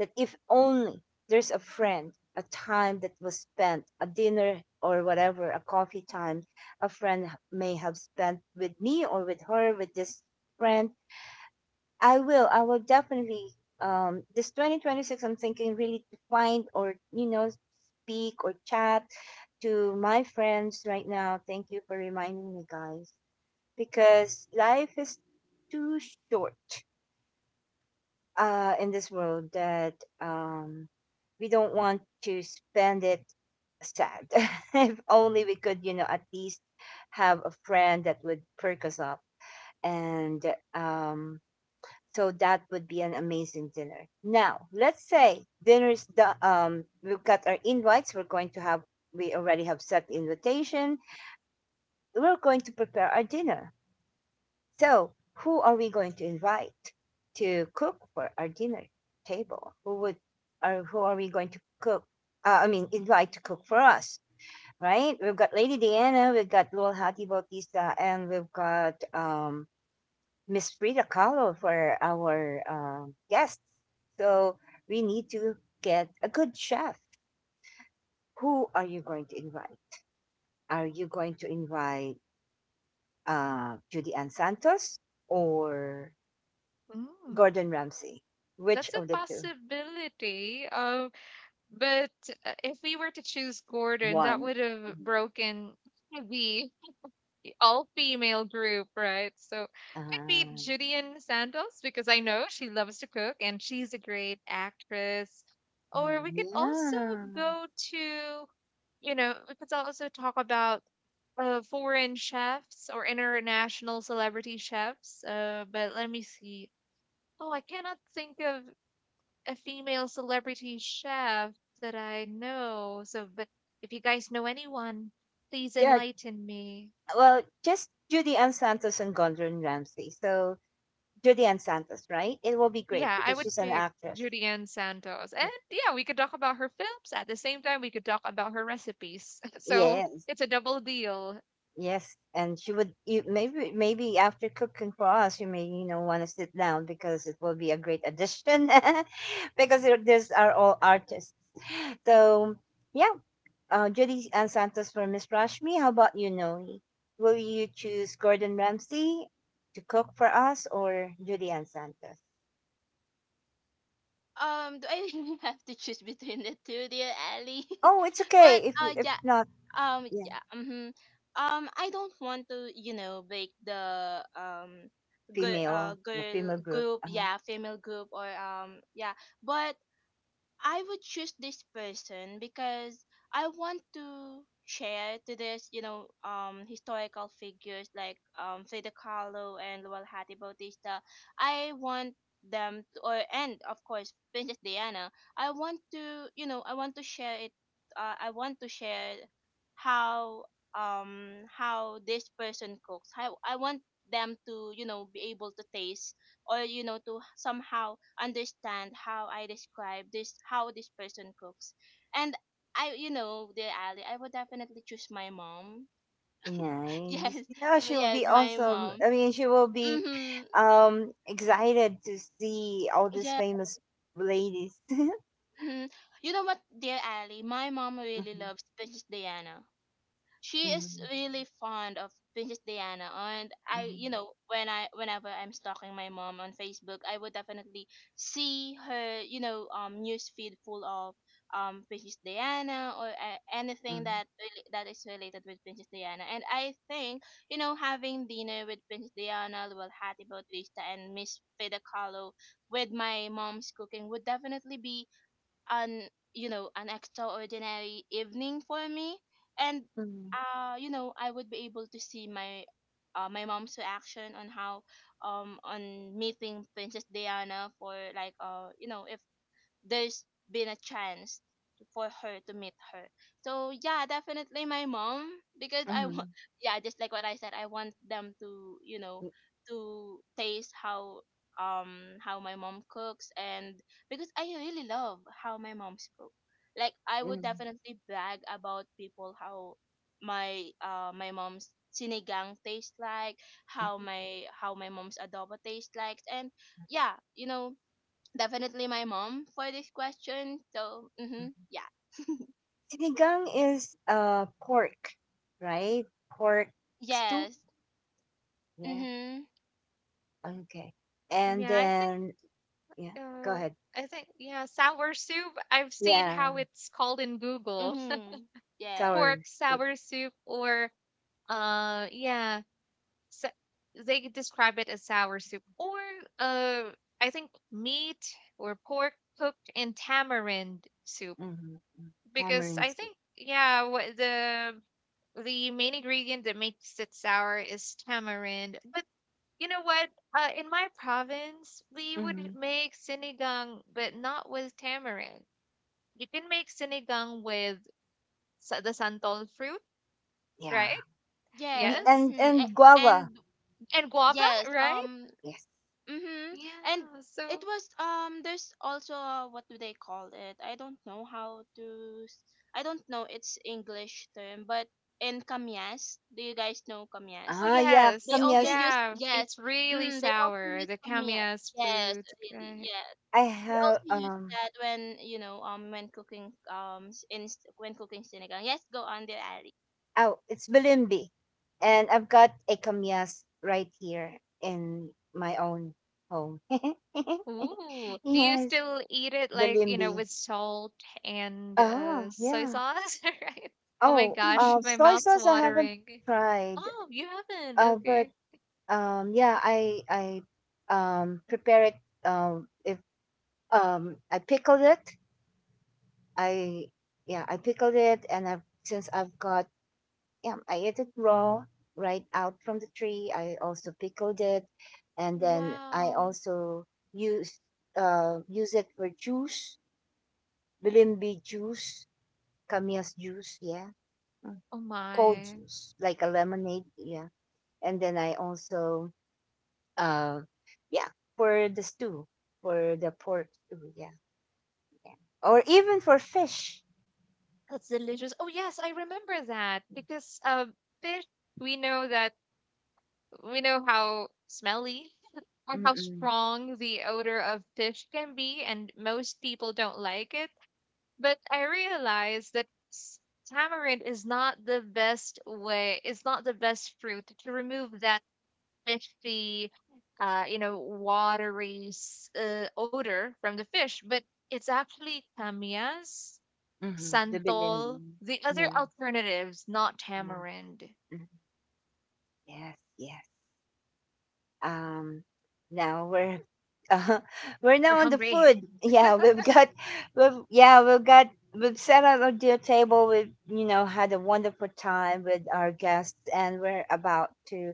That if only there's a friend, a time that was spent, a dinner or whatever, a coffee time, a friend may have spent with me or with her, with this friend I will definitely. This 2026, I'm thinking really to find or, you know, speak or chat to my friends right now. Thank you for reminding me, guys, because life is too short in this world that um, we don't want to spend it sad. If only we could, you know, at least have a friend that would perk us up and um, So that would be an amazing dinner. Now, let's say dinner's done. We've got our invites. We already have set invitation. We're going to prepare our dinner. So, who are we going to invite to cook for our dinner table? Or who are we going to cook? I mean, invite to cook for us, right? We've got Lady Diana, we've got Lil Hattie Bautista, and we've got Miss Frida Kahlo for our guests. So we need to get a good chef. Who are you going to invite? Are you going to invite Judy Ann Santos or
Mm,
Gordon Ramsay? Which
that's a
of the two?
possibility. But if we were to choose Gordon, that
One.
would have broken the all-female group, right? So could be
Uh,
Julian Santos because I know she loves to cook and she's a great actress. Or we could also
yeah.
go to you know, we could also talk about foreign chefs or international celebrity chefs. But let me see. Oh, I cannot think of a female celebrity chef that I know. So, but if you guys know anyone, please
Yeah.
enlighten me.
Well, just Judy Ann Santos and Gordon Ramsay. So Judy Ann Santos, right? It will be great
Yeah, I
because
would
she's an
pick
actress.
Julianne Santos. And
Yeah.
yeah, we could talk about her films. At the same time, we could talk about her recipes. So
Yes.
it's a double deal.
Yes, and maybe after cooking for us, you may want to sit down because it will be a great addition. Because these are all artists. So yeah, Judy and Santos for Miss Rashmi. How about you, Noe? Will you choose Gordon Ramsay to cook for us or Judy and Santos?
Do I really have to choose between the two, dear Ali?
Oh, it's okay
but
if
uh
if
yeah.
Yeah.
Yeah. Hmm. I don't want to, you know, make the girl,
female you know,
girl
female group.
group,
Uh-huh.
yeah, female group or, yeah. But I would choose this person because I want to share to this, you know, historical figures like Frida Kahlo and Lualhati Bautista. I want them to, or and of course Princess Diana. I want to, you know, I want to share it. I want to share how how this person cooks. How I want them to, you know, be able to taste or you know to somehow understand how I describe this, how this person cooks. And I, you know, dear Ali, I would definitely choose my mom.
Nice.
Yes.
Yeah, she'll be
Yes, my
awesome.
mom.
I mean, she will be
Mhm.
excited to see all these
Yeah.
famous ladies.
Mhm. You know what, dear Ali, my mom really
Mhm,
loves Princess Diana. She is
mhm,
really fond of Princess Diana, and I, you know, when I, whenever I'm stalking my mom on Facebook, I would definitely see her, you know, news feed full of Princess Diana or, anything
mhm,
that really, that is related with Princess Diana. And I think, you know, having dinner with Princess Diana, Luel Hati Bautista, and Miss Frida Kahlo with my mom's cooking would definitely be an, you know, an extraordinary evening for me. And
mhm,
you know, I would be able to see my my mom's reaction on how on meeting Princess Diana for like you know, if there's been a chance for her to meet her. So yeah, definitely my mom, because I want
mhm,
yeah, just like what I said, I want them to, you know,
mhm,
to taste how my mom cooks. And because I really love how my mom's cook. Like, I would
mhm,
definitely brag about people how my my mom's sinigang tastes like, how my mom's adobo tastes like. And yeah, you know, definitely my mom for this question. So,
mhm.
mhm, yeah,
Sinigang is pork, right? Pork stew.
yes,
Yeah.
mhm,
Okay. And
Yeah, I think
then yeah, go
Uh,
ahead.
I think yeah, sour soup. I've seen
Yeah,
how it's called in Google.
mhm, yes,
sour
Pork
soup.
sour soup or yeah, so they describe it as sour soup or uh I think meat or pork cooked in tamarind soup
Mm-hmm.
because
Tamarind
I
soup.
think yeah, what the main ingredient that makes it sour is tamarind. But you know what? In my province, we would
Mm-hmm.
make sinigang, but not with tamarind. You can make sinigang with the santol fruit,
Yeah.
right?
Me-
yes,
Yes.
And
mhm,
and guava.
and
And guava,
yes,
right?
Yes.
mhm, and
Yeah.
it
So,
was There's also what do they call it? I don't know how to. I don't know its English term, but in kamyas, do you guys know kamyas?
oh,
Ah, yeah.
They
yes.
also
Kamyas.
use,
Yeah.
yes.
It's really
Mm, they also
sour,
use
the
kamyas.
kamias
Yes,
fruit,
really,
right?
yes.
I
We
have
also use
um.
that when you know when cooking when cooking sinigang. Yes, go on there, Ali.
Oh, it's Bilimbi, and I've got a kamyas right here in my own home.
Ooh. Do you
Yes,
still eat it like, you know,
Bilimbi.
with salt and
Oh,
soy
yeah.
sauce, right? Oh my
Oh,
gosh, my
soy
mouth's
sauce I haven't
watering.
tried.
Oh, you haven't.
But
Okay.
yeah, I prepare it. If I pickled it, I yeah I pickled it, and I've got. Yeah, I ate it raw right out from the tree. I also pickled it, and then I
Wow.
also use use it for juice, bilimbi juice, kamias juice, yeah. Mm.
Oh
Cold
my.
juice like a lemonade, yeah. And then I also uh yeah, for the stew for the pork stew, yeah, or even for fish.
That's delicious. Oh yes, I remember that because fish we know that we know how smelly or how
Mm-mm.
strong the odor of fish can be, and most people don't like it. But I realized that tamarind is not the best way. It's not the best fruit to remove that fishy, you know, odor from the fish. But it's actually tamias
Mm-hmm. The bilimbi,
Santol, the other
yeah,
alternatives, not
yeah.
tamarind
Mhm. Yes, yes. um now we're uh, we're
or
now on the
hungry.
food, yeah, we've yeah we've got we've sat at our dear table. We've had a wonderful time with our guests, and we're about to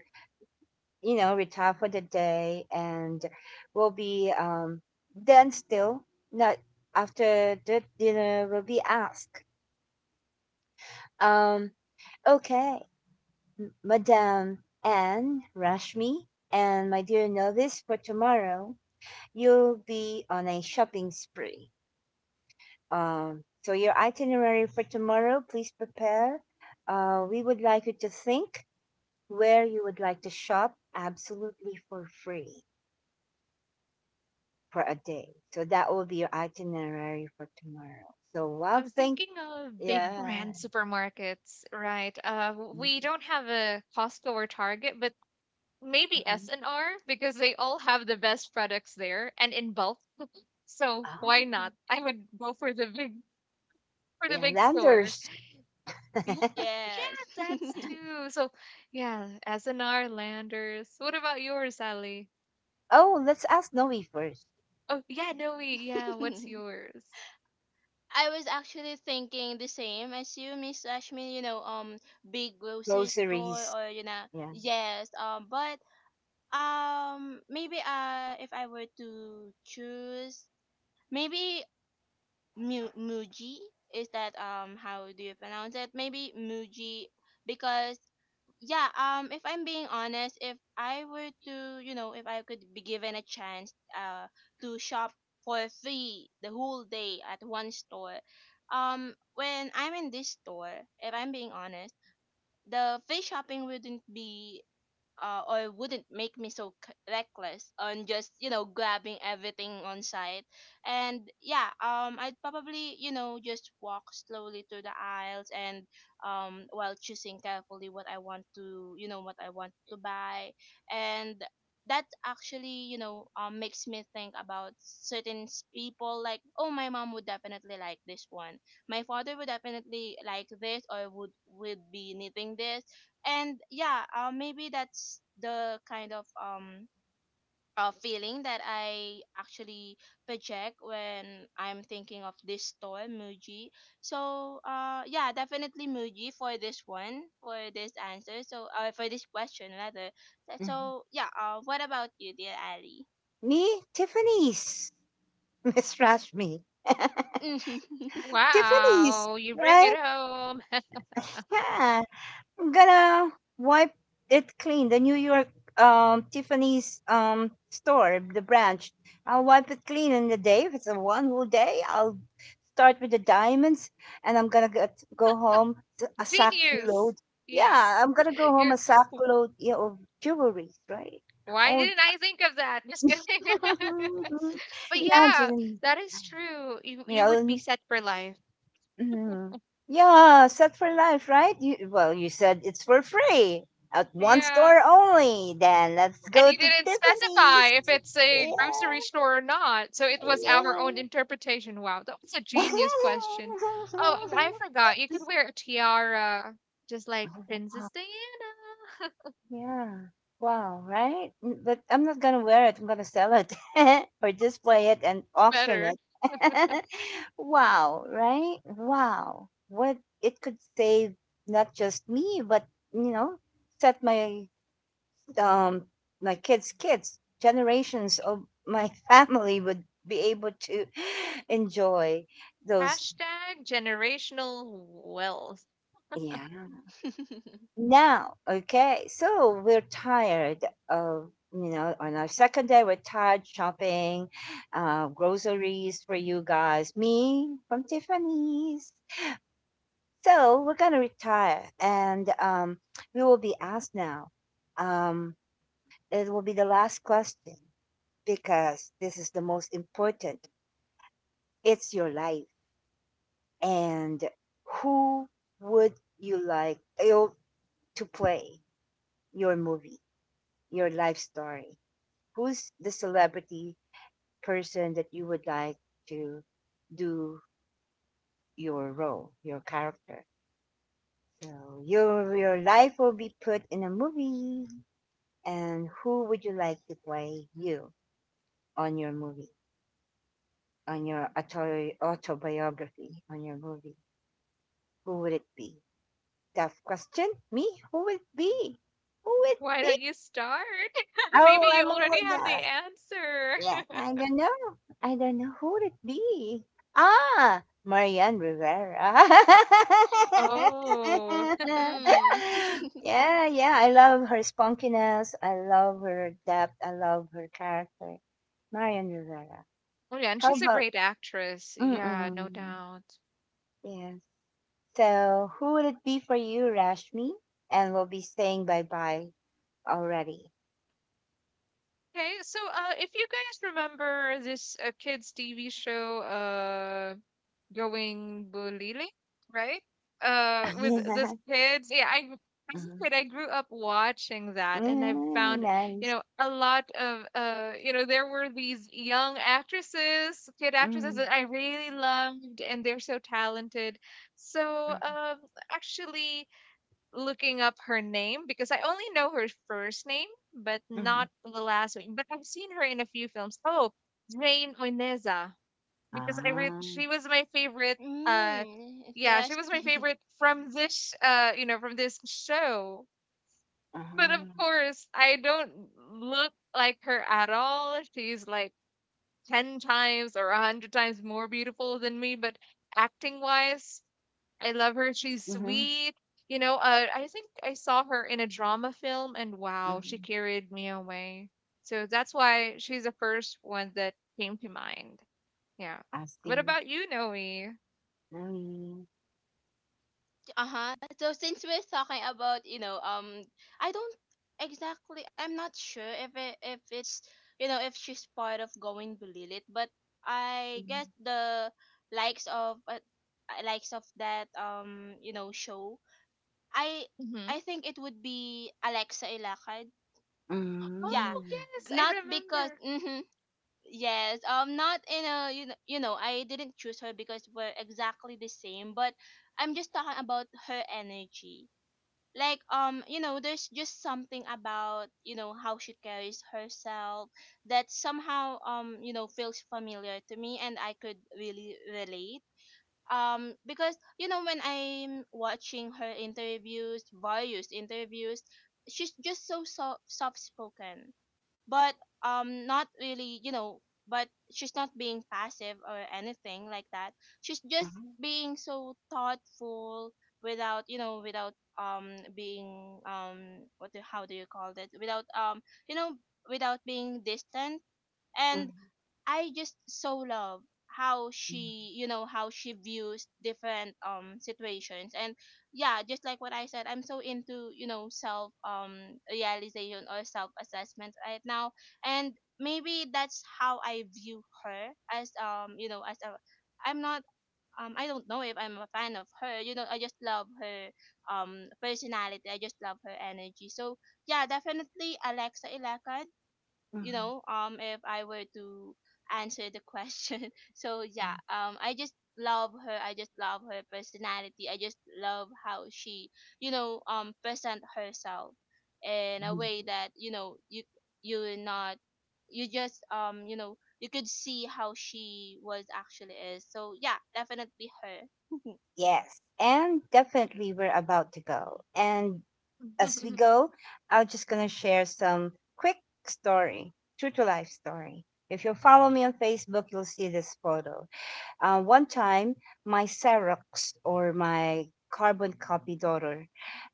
retire for the day. And we'll be, then still, not after the dinner, we'll be asked, um okay, Madame Anne Rashmi and my dear novice, for tomorrow you'll be on a shopping spree. So your itinerary for tomorrow, please prepare. We would like you to think where you would like to shop absolutely for free for a day. So that will be your itinerary for tomorrow. So while
I'm
think,
thinking of big
yeah.
brand supermarkets, right? We
Mhm.
don't have a Costco or Target, but maybe S&R because they all have the best products there and in bulk. So
Ah,
why not? I would go for the
yeah,
big store.
Landers.
Yeah,
Yes.
yeah, that's too. So yeah, S&R, Landers. What about yours, Sally?
Oh, let's ask Noe first.
Oh yeah, Noe. Yeah, what's yours?
I was actually thinking the same as you, Miss Ashmi. You know, big grocery
Closer.
store or you know, yes. But, maybe if I were to choose, maybe Muji. Is that how do you pronounce it? Maybe Muji because yeah, if I'm being honest, if I were to you know, if I could be given a chance to shop for free the whole day at one store, when I'm in this store, if I'm being honest, the free shopping wouldn't be or wouldn't make me so reckless on just you know grabbing everything on sight. And yeah, I'd probably, you know, just walk slowly through the aisles and while choosing carefully what I want to, you know, what I want to buy. And that actually, you know, makes me think about certain people, like, oh, my mom would definitely like this one, my father would definitely like this or would be knitting this. And yeah, maybe that's the kind of feeling that I actually project when I'm thinking of this store Muji. So yeah, definitely Muji for this one, for this answer. So for this question rather. So yeah, what about you, dear Ali?
Me, Tiffany's. Miss Rashmi, Tiffany's,
Wow, you bring it
right?
home.
Yeah. I'm gonna wipe it clean. The New York Tiffany's store, the branch. I'll wipe it clean in the day. If it's a one whole day, I'll start with the diamonds, and I'm gonna go home to a sack
Genius.
load.
Yeah.
Yeah, I'm gonna go home
You
a sack load, yeah, of jewelry, right?
why
Oh,
didn't I think of that? Just kidding. But yeah,
imagine,
that is true. You
you
you would be
know.
set for life.
Mhm. Yeah, set for life, right? You, well, you said it's for free at one
Yeah.
store only. Then let's
And
go
you
to
didn't
Tiffany.
specify if it's a
Yeah,
grocery store or not. So it was our
yeah.
own interpretation. Wow, that was a genius question. Oh, and I forgot. You could wear a tiara just like Princess Diana.
Yeah. Wow, right? But I'm not going to wear it. I'm going to sell it or display it and
Better.
auction. Wow, right? Wow. What it could save, not just me, but, you know, set my um, my kids' kids, generations of my family would be able to enjoy those.
Hashtag generational wealth.
Yeah. Now, okay, so we're tired of, on our second day, we're tired shopping, groceries for you guys, me from Tiffany's. So we're going to retire and we will be asked now. Um, it will be the last question because this is the most important. It's your life. And who would you like to play your movie, your life story, who's the celebrity person that you would like to do your role, your character, so your life will be put in a movie, and who would you like to play you on your movie, on your autobiography, on your movie? Who would it be? Tough question. Me? Who would be? Who would
Why
be?
don't you start?
Oh,
Maybe you
I'm all
already have the
done.
answer.
Yeah. I don't know. I don't know who would it be. Ah, Marianne Rivera.
Oh.
Mm.
Yeah, yeah. I love her spunkiness. I love her depth. I love her character. Marianne Rivera.
Oh yeah, and
How
she's a
about?
great actress. Yeah, no
Mm-mm.
doubt.
Yeah. So, who would it be for you, Rashmi? And we'll be saying bye bye already.
Okay, so if you guys remember this kids TV show going bulili, right? With these kids. Yeah, I as
Mhm.
a kid, I grew up watching that, and I've
Mm,
found,
nice.
you know, a lot of, you know, there were these young actresses, kid
Mhm,
actresses that I really loved, and they're so talented. So,
mhm,
actually looking up her name because I only know her first name, but
mhm.
not the last name. But I've seen her in a few films. Oh, Jane Oineza because
Ah,
she was my favorite. Uh,
Mm,
yeah, she was my
interesting.
favorite from this. You know, from this show. But of
uh-huh.
course, I don't look like her at all. She's like ten times or a hundred times more beautiful than me. But acting wise, I love her. She's
Mhm,
sweet. You know, I think I saw her in a drama film, and wow, she
mhm.
carried me away. So that's why she's the first one that came to mind. Yeah.
I
What
see.
about you, Noe?
Mm,
Uh-huh. So since we're talking about, you know, I don't exactly, I'm not sure if it, if it's you know, if she's part of Going Belilit, but I guess
mhm.
the likes of uh, likes of that you know, show. I
Mhm.
I think it would be Alexa Ilacad. Yeah.
Oh,
Mm,
yes, I
Not because
remember.
mm-hmm, yes, not in a you know, I didn't choose her because we're exactly the same, but I'm just talking about her energy. Like, you know, there's just something about you know how she carries herself that somehow you know feels familiar to me, and I could really relate. Because you know, when I'm watching her interviews, various interviews, she's just so soft, soft spoken, but not really, you know, but she's not being passive or anything like that. She's just
mhm,
being so thoughtful without you know, without being what do, how do you call that, without you know, without being distant. And
mhm,
I just so love how
mhm,
she, you know, how she views different situations. And yeah, just like what I said, I'm so into you know self, realization or self assessment right now. And maybe that's how I view her as you know, as a, I'm not, I don't know if I'm a fan of her, you know, I just love her personality, I just love her energy. So yeah, definitely Alexa Ilacan,
mhm,
you
mhm,
know, if I were to answer the question. So yeah, I just love her, I just love her personality, I just love how she you know present herself in a
mhm.
way that you know you, you're not, you just you know, you could see how she was actually is. So yeah, definitely her.
Yes, and definitely we're about to go. And as we go, I'm just gonna share some quick story, true to life story. If you follow me on Facebook, you'll see this photo. One time, my Xerox or my carbon copy daughter,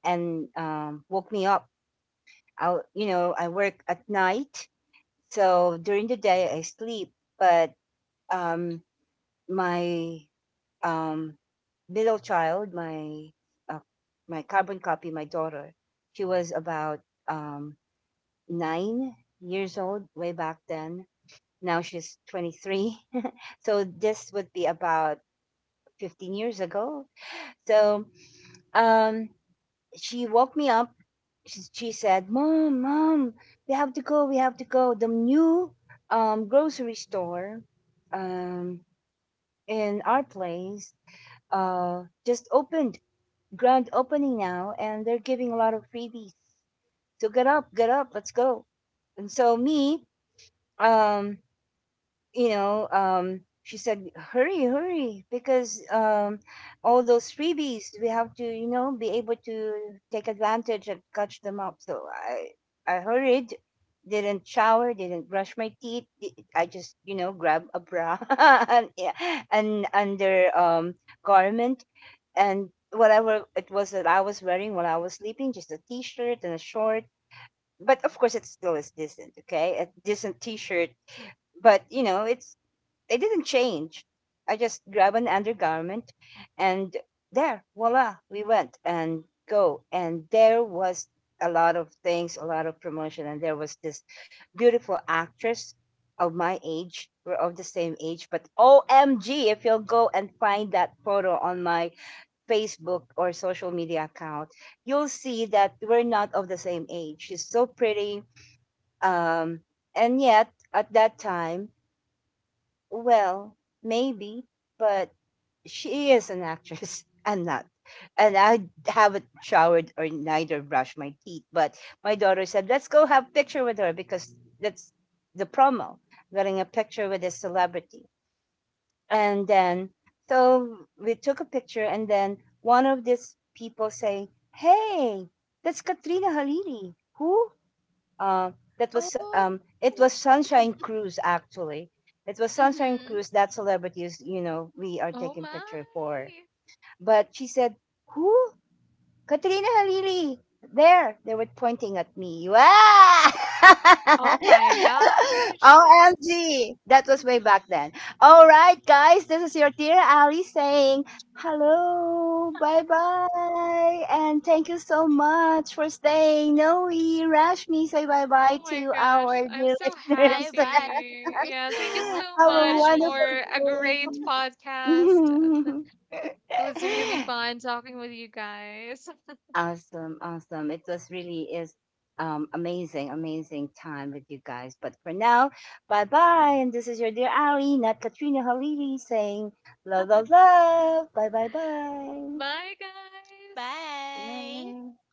and woke me up. I work at night, so during the day I sleep. But um, my um, middle child, uh, my carbon copy, my daughter, she was about um, 9 years old way back then. Now she's 23. So this would be about 15 years ago. So um she woke me up. She said, mom, mom, we have to go, we have to go, the new grocery store um in our place just opened. Grand opening now, and they're giving a lot of freebies, so get up, get up, let's go. And so me, um she said, "Hurry, hurry!" Because all those freebies, we have to, you know, be able to take advantage and catch them up. So I hurried, didn't shower, didn't brush my teeth. I just, you know, grabbed a bra and, yeah, and under garment and whatever it was that I was wearing while I was sleeping, just a t-shirt and a short. But of course, it still is decent, okay? A decent t-shirt, but you know it's they didn't change. I just grab an undergarment, and there, voila, we went and go. And there was a lot of things, a lot of promotion. And there was this beautiful actress of my age. We're of the same age, but OMG, if you'll go and find that photo on my Facebook or social media account, you'll see that we're not of the same age. She's so pretty. Um, and yet, at that time, well, maybe, but she is an actress. I'm not. And I haven't showered or neither brushed my teeth. But my daughter said, let's go have picture with her because that's the promo, getting a picture with a celebrity. And then, so we took a picture and then one of these people say, hey, that's Katrina Halili. Who? Uh, that was
Oh.
It was Sunshine Cruise actually. It was Sunshine
Mm-hmm.
Cruise that celebrities, you know, we are
Oh
taking
my.
picture for. But she said, "Who? Katrina Halili," there. They were pointing at me. Wow!
Oh my gosh.
OMG! That was way back then. All right, guys, this is your dear Ali saying hello, bye bye, and thank you so much for staying. Noe, Rashmi, say bye bye
Oh my
to
gosh.
our
I'm
dear
so
Bye
listeners.
bye. Thank
happy.
you
Yeah, thank
so
you
much
so
for
Have a
much for
having
wonderful
me.
a great podcast.
day.
It was really fun talking with you guys.
Awesome, awesome. It was really is amazing, amazing time with you guys. But for now, bye bye. And this is your dear Ali, not Katrina Halili, saying love, love, love. Bye bye bye.
Bye, guys.
Bye.
Bye.